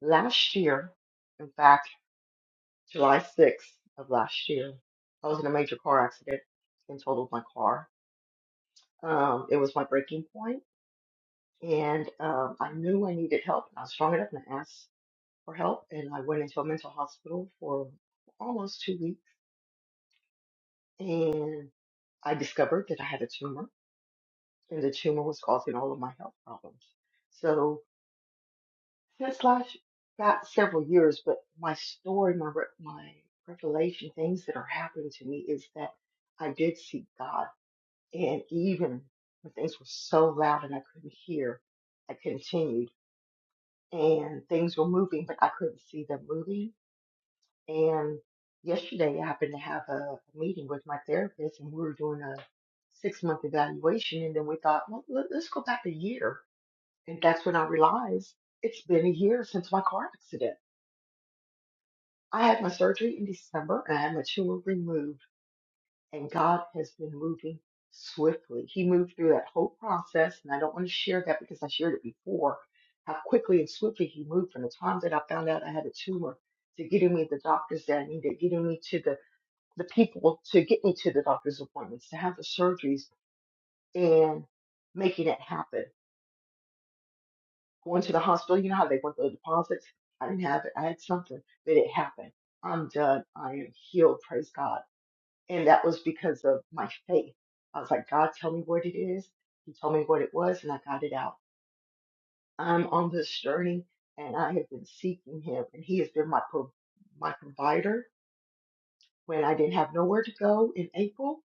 Last year, in fact, July 6th of last year, I was in a major car accident and totaled my car. Um, it was my breaking point and um, I knew I needed help. I was strong enough and I asked for help, and I went into a mental hospital for almost two weeks, and I discovered that I had a tumor, and the tumor was causing all of my health problems. So since last about several years, but my story, my re- my revelation, things that are happening to me is that I did seek God, and even when things were so loud and I couldn't hear, I continued. and things were moving, but I couldn't see them moving. And yesterday, I happened to have a meeting with my therapist, and we were doing a six month evaluation. And then we thought, well, let- let's go back a year. And that's when I realized it's been a year since my car accident. I had my surgery in December, and I had my tumor removed. and God has been moving swiftly. He moved through that whole process, and I don't want to share that because I shared it before. How quickly and swiftly he moved from the time that I found out I had a tumor to getting me the doctors that I needed, getting me to the, the people to get me to the doctor's appointments, to have the surgeries and making it happen. Going to the hospital, you know how they want the deposits? I didn't have it. I had something, but it happened. I'm done. I am healed. Praise God. And that was because of my faith. I was like, God, tell me what it is. He told me what it was, and I got it out. I'm on this journey, and I have been seeking Him, and He has been my pro- my provider. When I didn't have nowhere to go in April,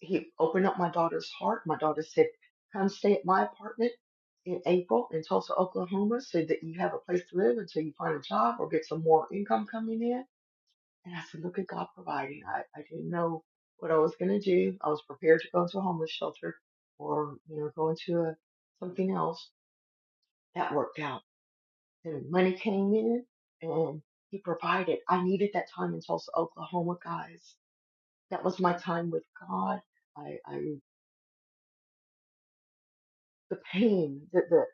He opened up my daughter's heart. My daughter said, "Come stay at my apartment." In April in Tulsa, Oklahoma, so that you have a place to live until you find a job or get some more income coming in And I said, look at God providing. I, I didn't know what I was going to do. I was prepared to go into a homeless shelter or, you know, go into a, something else. That worked out. And money came in and he provided. I needed that time in Tulsa, Oklahoma, guys. That was my time with God. I, I, the pain, the, the,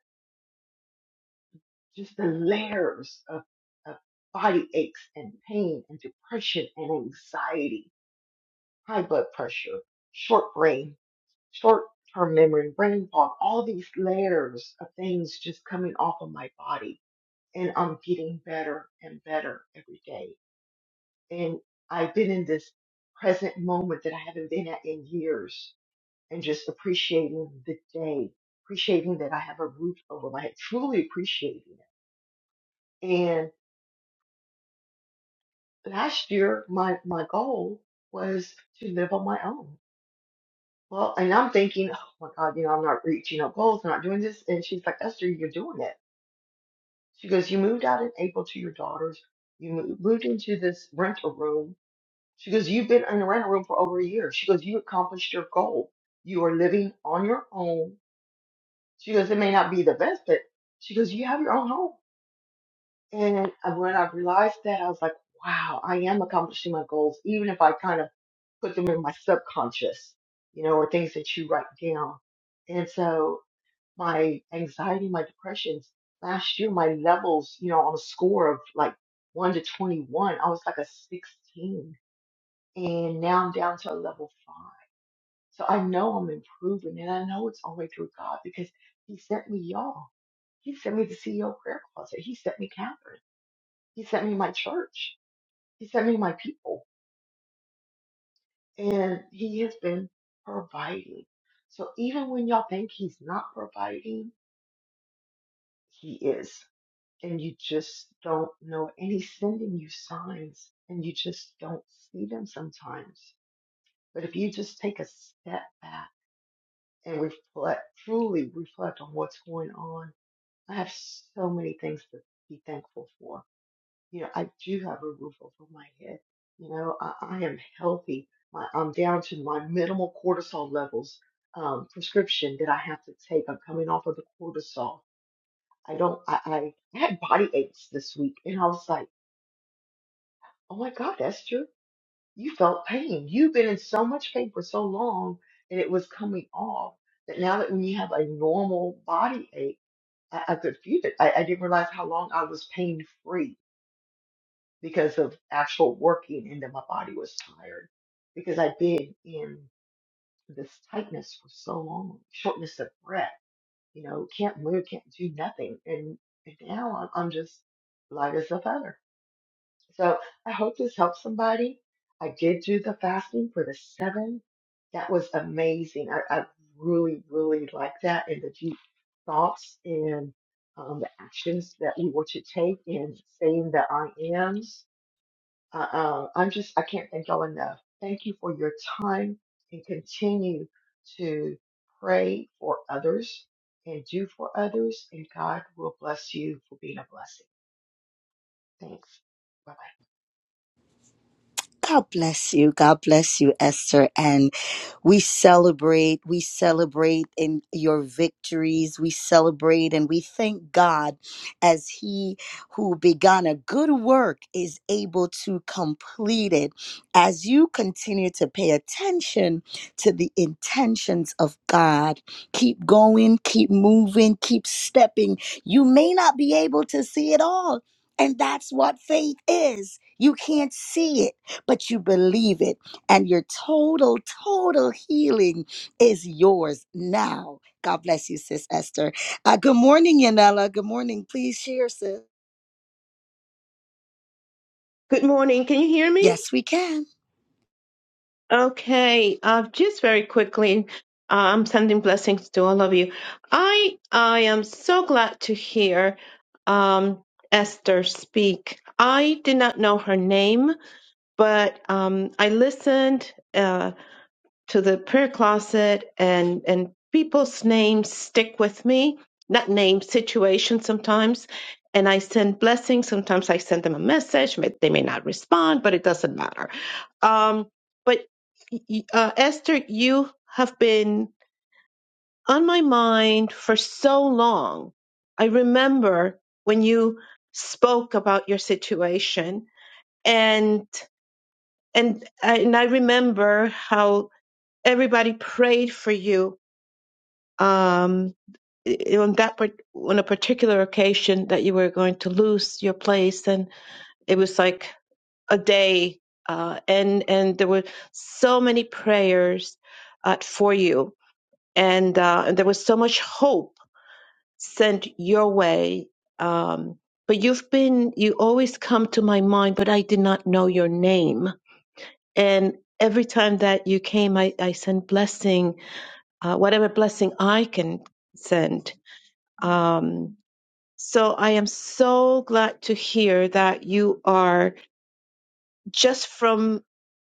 just the layers of, of body aches and pain and depression and anxiety, high blood pressure, short brain short-term memory, brain fog, all these layers of things just coming off of my body. And I'm getting better and better every day. And I've been in this present moment that I haven't been at in years and just appreciating the day, appreciating that I have a roof over my head, truly appreciating it. And last year, my, my goal was to live on my own. Well, and I'm thinking, oh my God, you know, I'm not reaching up goals, I'm not doing this. And she's like, Esther, you're doing it She goes, You moved out in April to your daughter's. You mo- moved into this rental room. She goes, You've been in a rental room for over a year. She goes, You accomplished your goal. You are living on your own. She goes, It may not be the best, but she goes, You have your own home. And uh, when I realized that, I was like, Wow, I am accomplishing my goals, even if I kind of put them in my subconscious, you know, or things that you write down. And so my anxiety, my depressions. Last year, my levels, you know, on a score of like 1 to 21, I was like a 16. And now I'm down to a level 5. So I know I'm improving and I know it's all the way through God because He sent me y'all. He sent me the CEO prayer closet. He sent me Catherine. He sent me my church. He sent me my people. And He has been providing. So even when y'all think He's not providing, He is. and you just don't know. And he's sending you signs and you just don't see them sometimes. But if you just take a step back and reflect, truly reflect on what's going on, I have so many things to be thankful for. You know, I do have a roof over my head. You know, I, I am healthy. My, I'm down to my minimal cortisol levels um, prescription that I have to take. I'm coming off of the cortisol. I don't, I, I I had body aches this week and I was like, Oh my God, Esther, you felt pain. You've been in so much pain for so long and it was coming off that now that when you have a normal body ache, I, I could feel it. I, I didn't realize how long I was pain free because of actual working and that my body was tired because I'd been in this tightness for so long, shortness of breath, you know, can't move, can't do nothing. And, and now I'm, I'm just light as a feather. So I hope this helps somebody. I did do the fasting for the seven. That was amazing. I, I really, really like that and the deep thoughts and um, the actions that we were to take in saying that I am. Uh, uh, I'm just, I can't thank y'all enough. Thank you for your time and continue to pray for others and do for others. And God will bless you for being a blessing. Thanks. Bye.
God bless you. God bless you, Esther. And we celebrate, we celebrate in your victories. We celebrate and we thank God as He who began a good work is able to complete it. As you continue to pay attention to the intentions of God, keep going, keep moving, keep stepping. You may not be able to see it all. And that's what faith is. You can't see it but you believe it, and your total, total healing is yours now. God bless you, Sis Esther. Uh, good morning, Yanela. Good morning. Please share, sis.
Good morning. Can you hear me?
Yes, we can.
Okay. Uh, just very quickly, uh, I'm sending blessings to all of you. I I am so glad to hear um, Esther speak. I did not know her name, but um, I listened uh, to the prayer closet, and and people's names stick with me. Not names, situations sometimes. And I send blessings. Sometimes I send them a message. May- They may not respond, but it doesn't matter Um, but y- uh, Esther, you have been on my mind for so long. I remember when you spoke about your situation, and and and I remember how everybody prayed for you um, i- on that part- on a particular occasion that you were going to lose your place, and it was like a day, uh, and and there were so many prayers uh, for you, and, uh, and there was so much hope sent your way. Um, but you've been you always come to my mind, but I did not know your name, and every time that you came, I I sent blessing, uh, whatever blessing I can send. Um, so I am so glad to hear that you are just from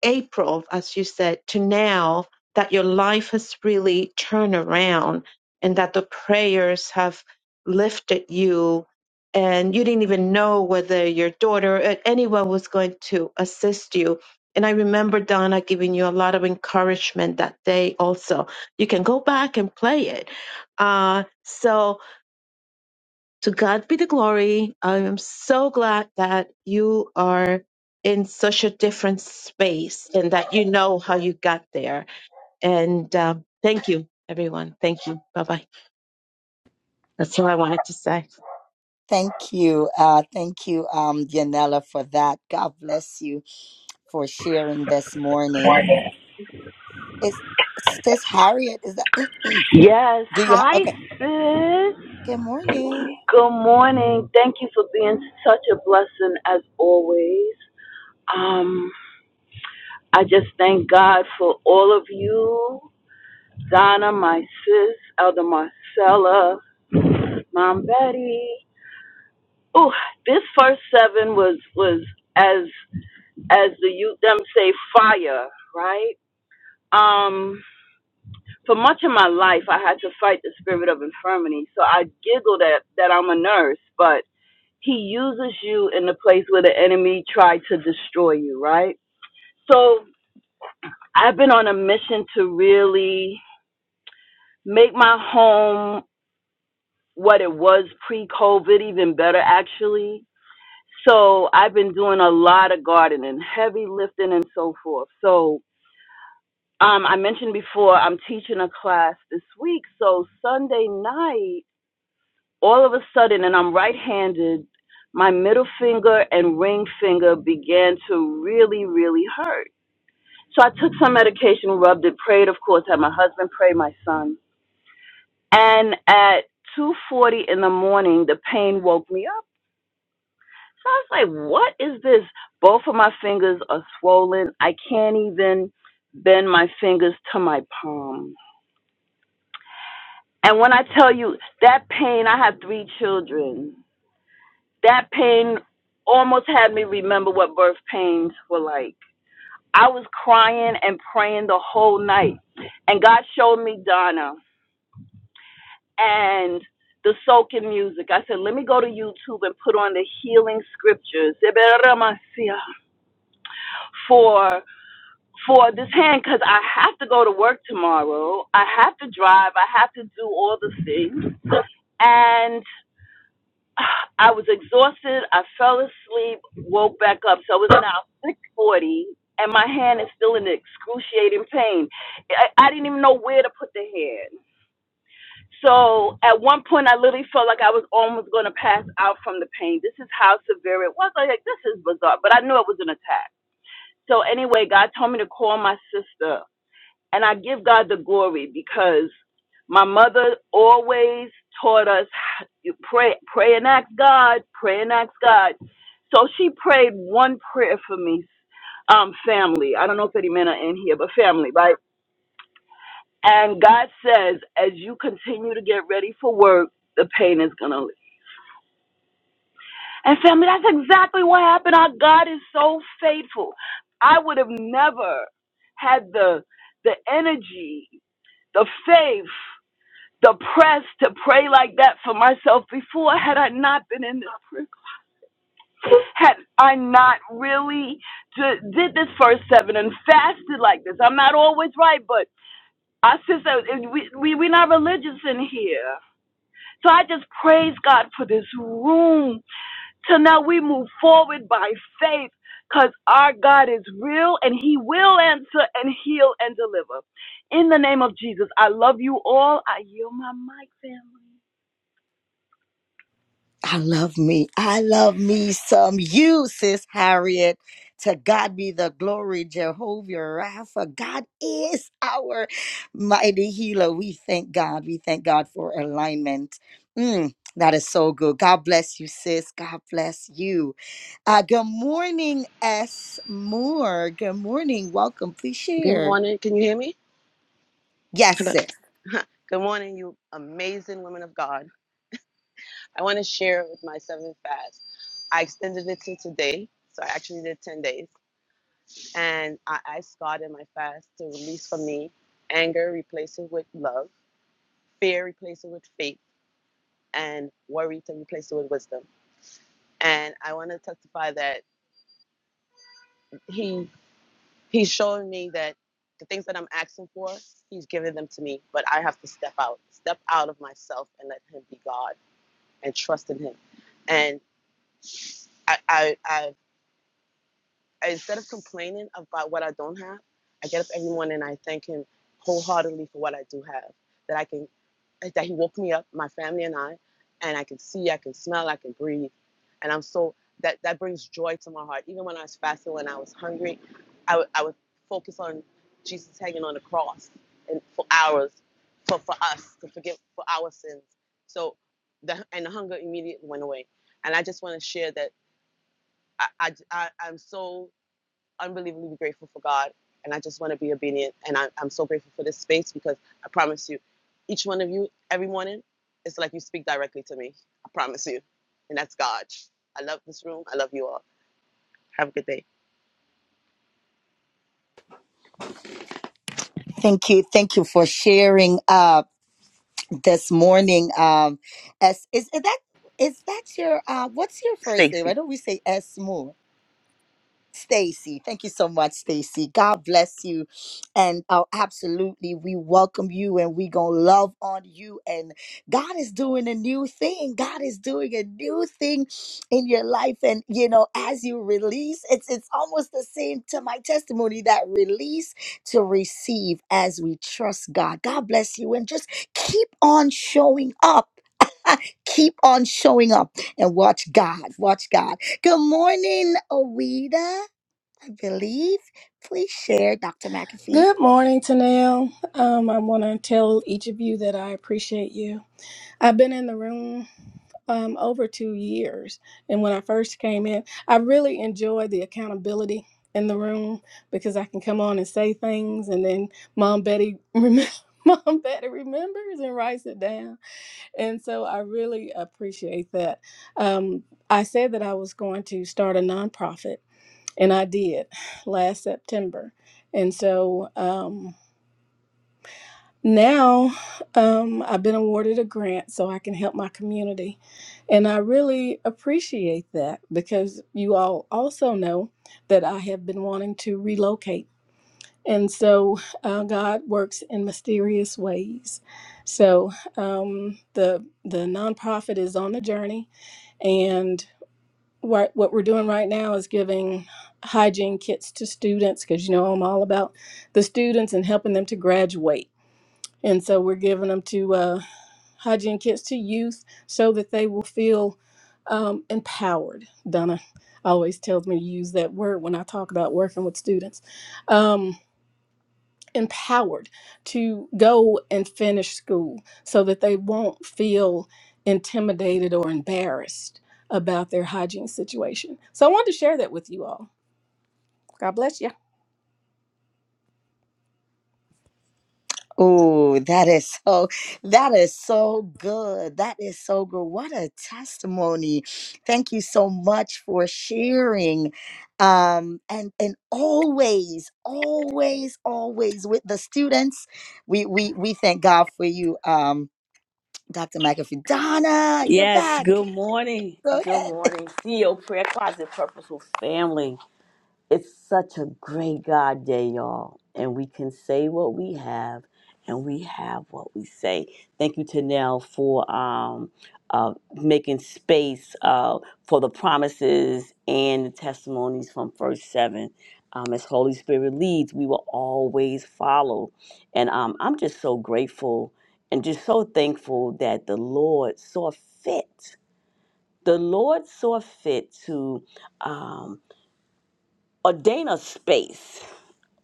April, as you said, to now that your life has really turned around and that the prayers have lifted you and you didn't even know whether your daughter or anyone was going to assist you. And I remember Donna giving you a lot of encouragement that day also. You can go back and play it. Uh, so to God be the glory. I am so glad that you are in such a different space and that you know how you got there. And um, thank you, everyone. Thank you. Bye bye. That's all I wanted to say.
Thank you. Uh, thank you, um, Yanela, for that. God bless you for sharing this morning. Is Sis Harriet, is that, do
Yes.
you, ha-
Hi,
okay.
sis.
Good morning.
Good morning. Thank you for being such a blessing as always. Um, I just thank God for all of you. Donna, my sis, Elder Marcella, Mom Betty. Oh, this first seven was was as as the youth them say fire, right? Um, for much of my life, I had to fight the spirit of infirmity. So I giggled at that I'm a nurse, but He uses you in the place where the enemy tried to destroy you, right? So I've been on a mission to really make my home what it was pre COVID, even better actually. So I've been doing a lot of gardening, heavy lifting and so forth. So um, I mentioned before I'm teaching a class this week. So Sunday night all of a sudden, and I'm right handed, my middle finger and ring finger began to really, really hurt. So I took some medication, rubbed it, prayed, of course, had my husband pray, my son. And at 2.40 in the morning, the pain woke me up. So I was like, what is this? Both of my fingers are swollen. I can't even bend my fingers to my palm. And when I tell you that pain, I have three children That pain almost had me remember what birth pains were like. I was crying and praying the whole night. And God showed me Donna and the soaking music. I said, let me go to YouTube and put on the healing scriptures for for this hand because I have to go to work tomorrow. I have to drive. I have to do all the things. And I was exhausted. I fell asleep, woke back up. So it was now 640 and my hand is still in excruciating pain. I, I didn't even know where to put the hand. So at one point, I literally felt like I was almost going to pass out from the pain. This is how severe it was. I was like, this is bizarre, but I knew it was an attack. So anyway, God told me to call my sister and I give God the glory because my mother always taught us you pray, pray and ask God, pray and ask God. So she prayed one prayer for me, um, family. I don't know if any men are in here, but family, right? And God says, as you continue to get ready for work, the pain is gonna leave. And family, that's exactly what happened. Our God is so faithful. I would have never had the the energy, the faith the press to pray like that for myself before had I not been in this prayer call, had I not really ju- did this first seven and fasted like this. I'm not always right, but I sister, we we we are not religious in here. So I just praise God for this room. Till now we move forward by faith, cause our God is real and He will answer and heal and deliver. In the name of Jesus, I love you all. I yield my mic, family.
I love me. I love me some you, sis Harriet. To God be the glory, Jehovah Rapha. God is our mighty healer. We thank God. We thank God for alignment. Mm, that is so good. God bless you, sis. God bless you. Uh, good morning, S. Moore. Good morning. Welcome. Please
Good
share.
morning. Can you hear me?
Yes, sis.
Good morning, you amazing women of God. I want to share with my seventh fast. I extended it to today, so I actually did 10 days. And I asked God in my fast to release from me anger, replace it with love, fear, replace it with faith, and worry to replace it with wisdom. And I want to testify that He He's showing me that the things that I'm asking for, He's giving them to me, but I have to step out, step out of myself and let Him be God and trust in Him. And I, I, I instead of complaining about what I don't have, I get up every morning and I thank him wholeheartedly for what I do have. That I can, that he woke me up, my family and I, and I can see, I can smell, I can breathe, and I'm so that that brings joy to my heart. Even when I was fasting, when I was hungry, I would I would focus on Jesus hanging on the cross and for hours, for for us to forgive for our sins. So, the and the hunger immediately went away, and I just want to share that I I, I I'm so unbelievably grateful for God, and I just want to be obedient. And I, I'm so grateful for this space because I promise you, each one of you, every morning, it's like you speak directly to me. I promise you, and that's God. I love this room. I love you all. Have a good day,
Thank you. Thank you for sharing uh this morning. Um S is, is that is that your uh what's your first name? I
Stacy.
know we say S Moore. Stacy. Thank you so much, Stacy. God bless you. And uh, absolutely, we welcome you and we going to love on you. And God is doing a new thing. God is doing a new thing in your life. And, you know, as you release, it's, it's almost the same to my testimony that release to receive as we trust God. God bless you. And just keep on showing up. keep on showing up and watch God. Watch God. Good morning, Awida. I believe. Please share, Dr. McAfee.
Good morning, Tanel. Um, I want to tell each of you that I appreciate you. I've been in the room um, over two years, and when I first came in, I really enjoyed the accountability in the room because I can come on and say things, and then Mom Betty remem Mom Betty remembers and writes it down, and so I really appreciate that. Um, I said that I was going to start a nonprofit, and I did last September, and so. Um, now, um, I've been awarded a grant so I can help my community. And I really appreciate that because you all also know that I have been wanting to relocate. And so uh, God works in mysterious ways. So um, the the nonprofit is on a journey, and what what we're doing right now is giving hygiene kits to students because you know I'm all about the students and helping them to graduate and so we're giving them to uh, hygiene kits to youth so that they will feel um, empowered. Donna always tells me to use that word when I talk about working with students. Um, empowered to go and finish school so that they won't feel intimidated or embarrassed about their hygiene situation. So I wanted to share that with you all. God bless you.
Oh, that is so that is so good. That is so good. What a testimony. Thank you so much for sharing. Um, and and always, always, always with the students. We we we thank God for you, um, Dr. McAfee. Donna, you're
Yes,
back.
good morning.
Go
Good
ahead.
morning. CEO Prayer Closet Purposeful Family. It's such a great God day, y'all. And we can say what we have, and we have what we say. Thank you, Tanel, for um, uh, making space uh, for the promises and the testimonies from First Seven. Um, as Holy Spirit leads, we will always follow. And um, I'm just so grateful and just so thankful that the Lord saw fit. The Lord saw fit to um, ordain a space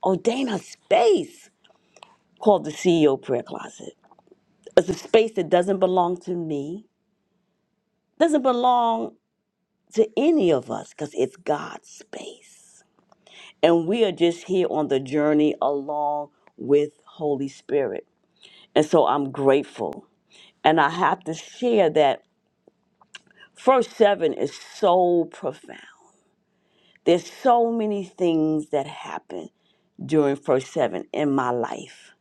ordain a space called the CEO prayer closet. It's a space that doesn't belong to me, doesn't belong to any of us because it's God's space. And we are just here on the journey along with Holy Spirit. And so I'm grateful. And I have to share that verse 7 is so profound. There's so many things that happen during verse 7 in my life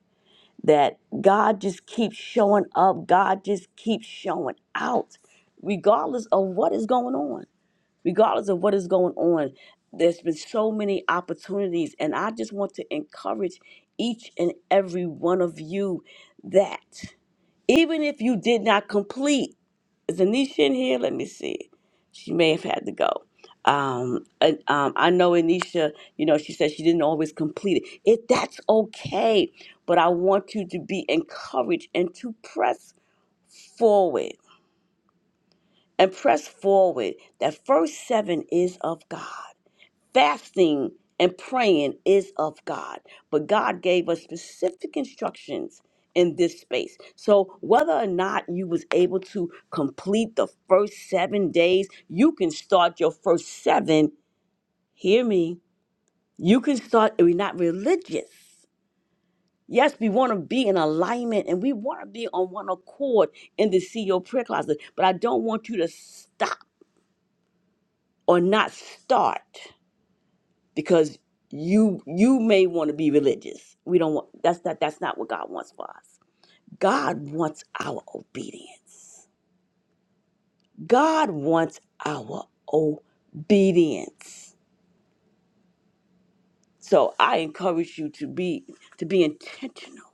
that God just keeps showing up. God just keeps showing out, regardless of what is going on. Regardless of what is going on, there's been so many opportunities. And I just want to encourage each and every one of you that even if you did not complete, is Anisha in here? Let me see. She may have had to go. Um, and, um, I know Anisha, you know, she said she didn't always complete it. It that's okay, but I want you to be encouraged and to press forward and press forward. That first seven is of God. Fasting and praying is of God, but God gave us specific instructions in this space. So whether or not you was able to complete the first 7 days, you can start your first 7, hear me. You can start we're not religious. Yes, we want to be in alignment and we want to be on one accord in the CEO prayer closet, but I don't want you to stop or not start. because you you may want to be religious. We don't want that's not that's not what God wants for us. God wants our obedience. God wants our obedience. So I encourage you to be to be intentional.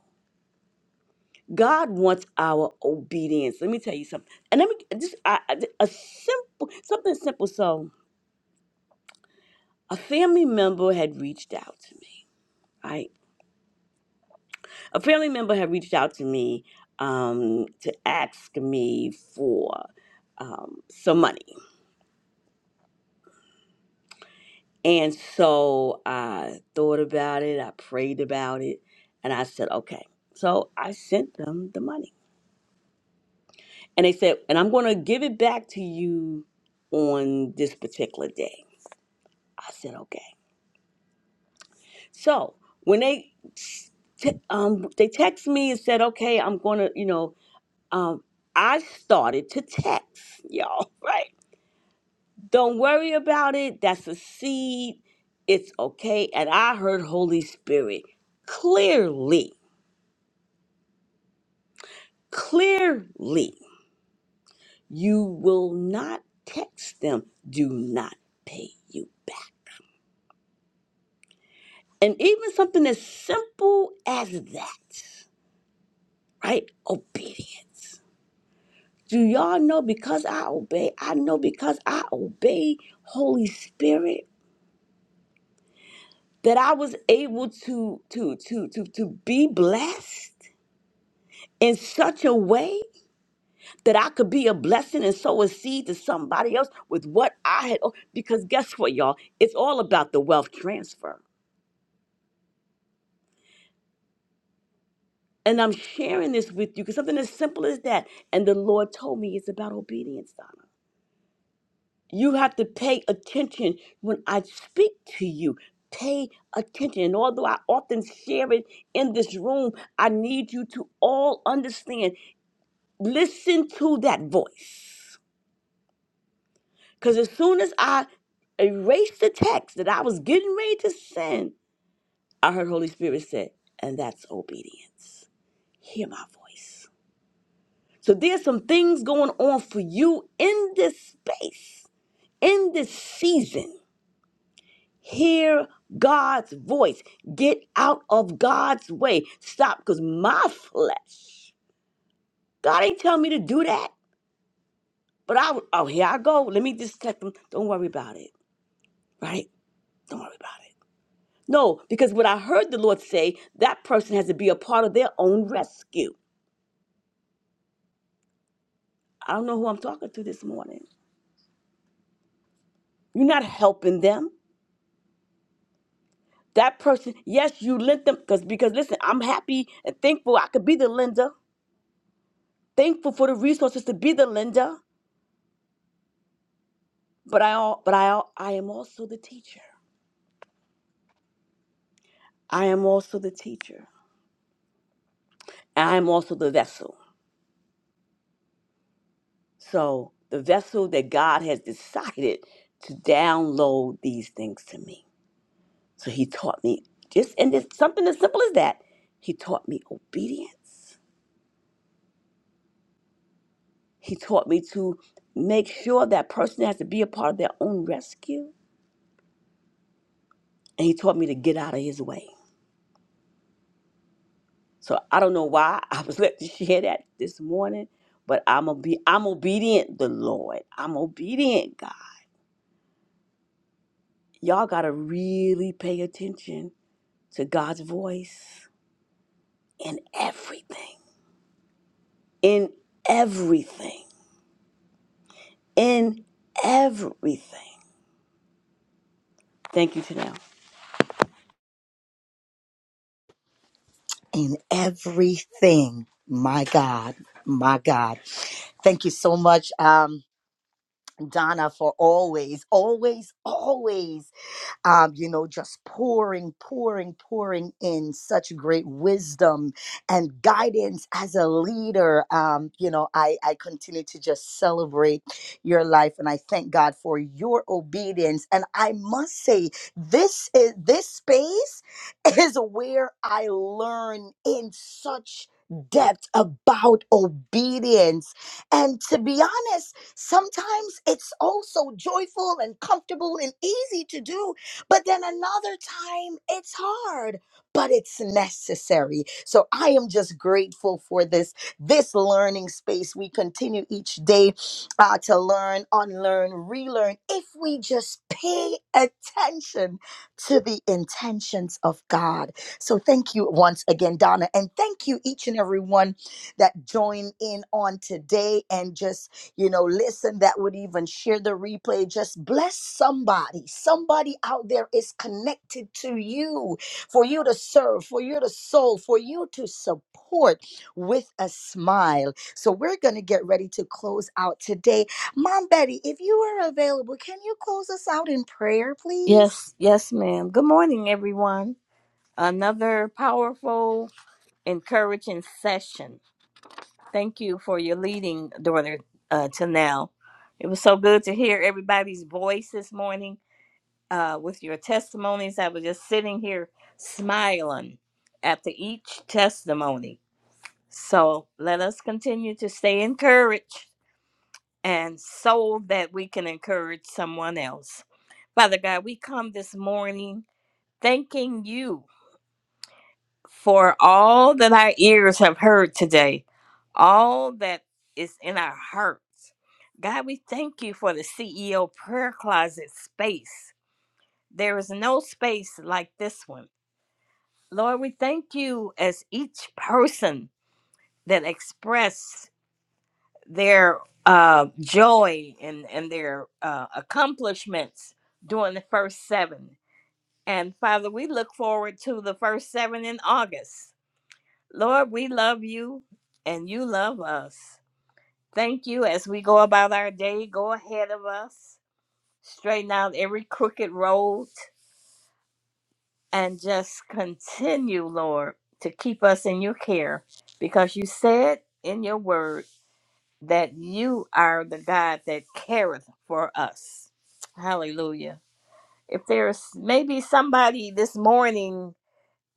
God wants our obedience. Let me tell you something. And let me just I, I- a simple something simple. So a family member had reached out to me. right? a family member had reached out to me um, to ask me for um, some money. And so I thought about it, I prayed about it, and I said, okay. So I sent them the money. And they said, and I'm going to give it back to you on this particular day. I said, okay. So when they t- um, they text me and said, okay, I'm going to, you know, um, I started to text, y'all, right? Don't worry about it. That's a seed. It's okay. And I heard Holy Spirit clearly, clearly, you will not text them, do not pay you back. And even something as simple as that, right? Obedience. Do y'all know because I obey? I know because I obey Holy Spirit that I was able to to to to to be blessed in such a way that I could be a blessing and sow a seed to somebody else with what I had. oh, Because guess what, y'all? It's all about the wealth transfer. And I'm sharing this with you because something as simple as that. And the Lord told me it's about obedience, Donna. You have to pay attention when I speak to you. Pay attention. And although I often share it in this room, I need you to all understand listen to that voice. Because as soon as I erased the text that I was getting ready to send, I heard Holy Spirit say, and that's obedience. Hear my voice. So there's some things going on for you in this space, in this season. Hear God's voice. Get out of God's way. Stop, because my flesh, God ain't tell me to do that. But I, oh, here I go. Let me just text them. Don't worry about it, right? Don't worry about it. No, because what I heard the Lord say, that person has to be a part of their own rescue. I don't know who I'm talking to this morning. You're not helping them. That person, yes, you lent them because because listen, I'm happy and thankful I could be the lender, thankful for the resources to be the lender, but I all but I all, I am also the teacher. I am also the teacher. And I am also the vessel. So the vessel that God has decided to download these things to me. So he taught me just and this something as simple as that. He taught me obedience. He taught me to make sure that person has to be a part of their own rescue. And he taught me to get out of his way. So I don't know why I was let to share that this morning, but I'm obe- I'm obedient, the Lord. I'm obedient, God. Y'all gotta really pay attention to God's voice in everything. In everything. In everything. Thank you, Janelle.
in everything. My God, my God. Thank you so much, um, Donna, for always, always, always um, you know, just pouring, pouring, pouring in such great wisdom and guidance as a leader. Um, you know, I, I continue to just celebrate your life and I thank God for your obedience. And I must say, this is this space is where I learn in such depth about obedience. And to be honest, sometimes it's also joyful and comfortable and easy to do but then another time, it's hard, but it's necessary. So I am just grateful for this this learning space. We continue each day uh, to learn, unlearn, relearn. If we just pay attention to the intentions of God. So thank you once again, Donna, and thank you each and every one that joined in on today and just you know, listen, that would even share the replay. Just bless somebody. Somebody out there is connected to you for you to serve, for you to soul, for you to support with a smile. So we're going to get ready to close out today. Mom Betty, if you are available, can you close us out in prayer, please?
Yes, yes, ma'am. Good morning, everyone. Another powerful, encouraging session. Thank you for your leading, daughter, uh, to now. It was so good to hear everybody's voice this morning uh, with your testimonies. I was just sitting here smiling after each testimony. So let us continue to stay encouraged and so that we can encourage someone else. Father God, we come this morning thanking you for all that our ears have heard today, all that is in our hearts. God, we thank you for the CEO prayer closet space. There is no space like this one. Lord, we thank you as each person that expressed their uh, joy and, and their uh, accomplishments during the first seven. And Father, we look forward to the first seven in August. Lord, we love you and you love us. Thank you as we go about our day. Go ahead of us, straighten out every crooked road, and just continue, Lord, to keep us in your care because you said in your word that you are the God that careth for us. Hallelujah. If there's maybe somebody this morning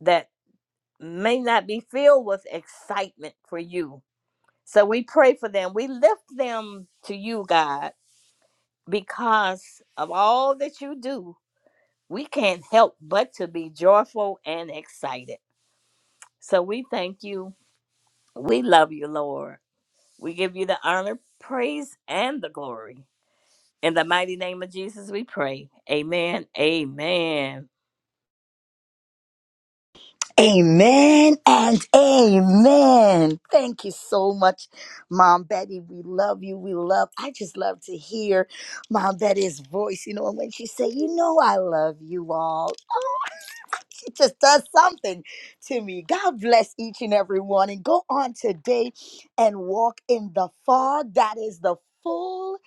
that may not be filled with excitement for you, So we pray for them. We lift them to you, God, because of all that you do. We can't help but to be joyful and excited. So we thank you. We love you, Lord. We give you the honor, praise, and the glory. In the mighty name of Jesus, we pray. Amen. Amen.
Amen and amen. Thank you so much, Mom Betty. We love you. We love. I just love to hear Mom Betty's voice, you know, and when she say, "You know, I love you all." it just does something to me. God bless each and every one. And go on today and walk in the fog. That is the full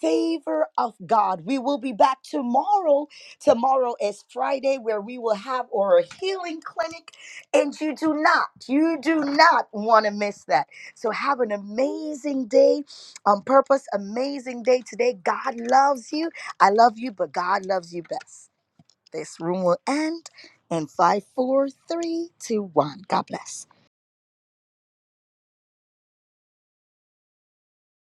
favor of God. We will be back tomorrow. Tomorrow is Friday where we will have our healing clinic. And you do not, you do not want to miss that. So have an amazing day on purpose. Amazing day today. God loves you. I love you, but God loves you best. This room will end in five, four, three, two, one. God bless.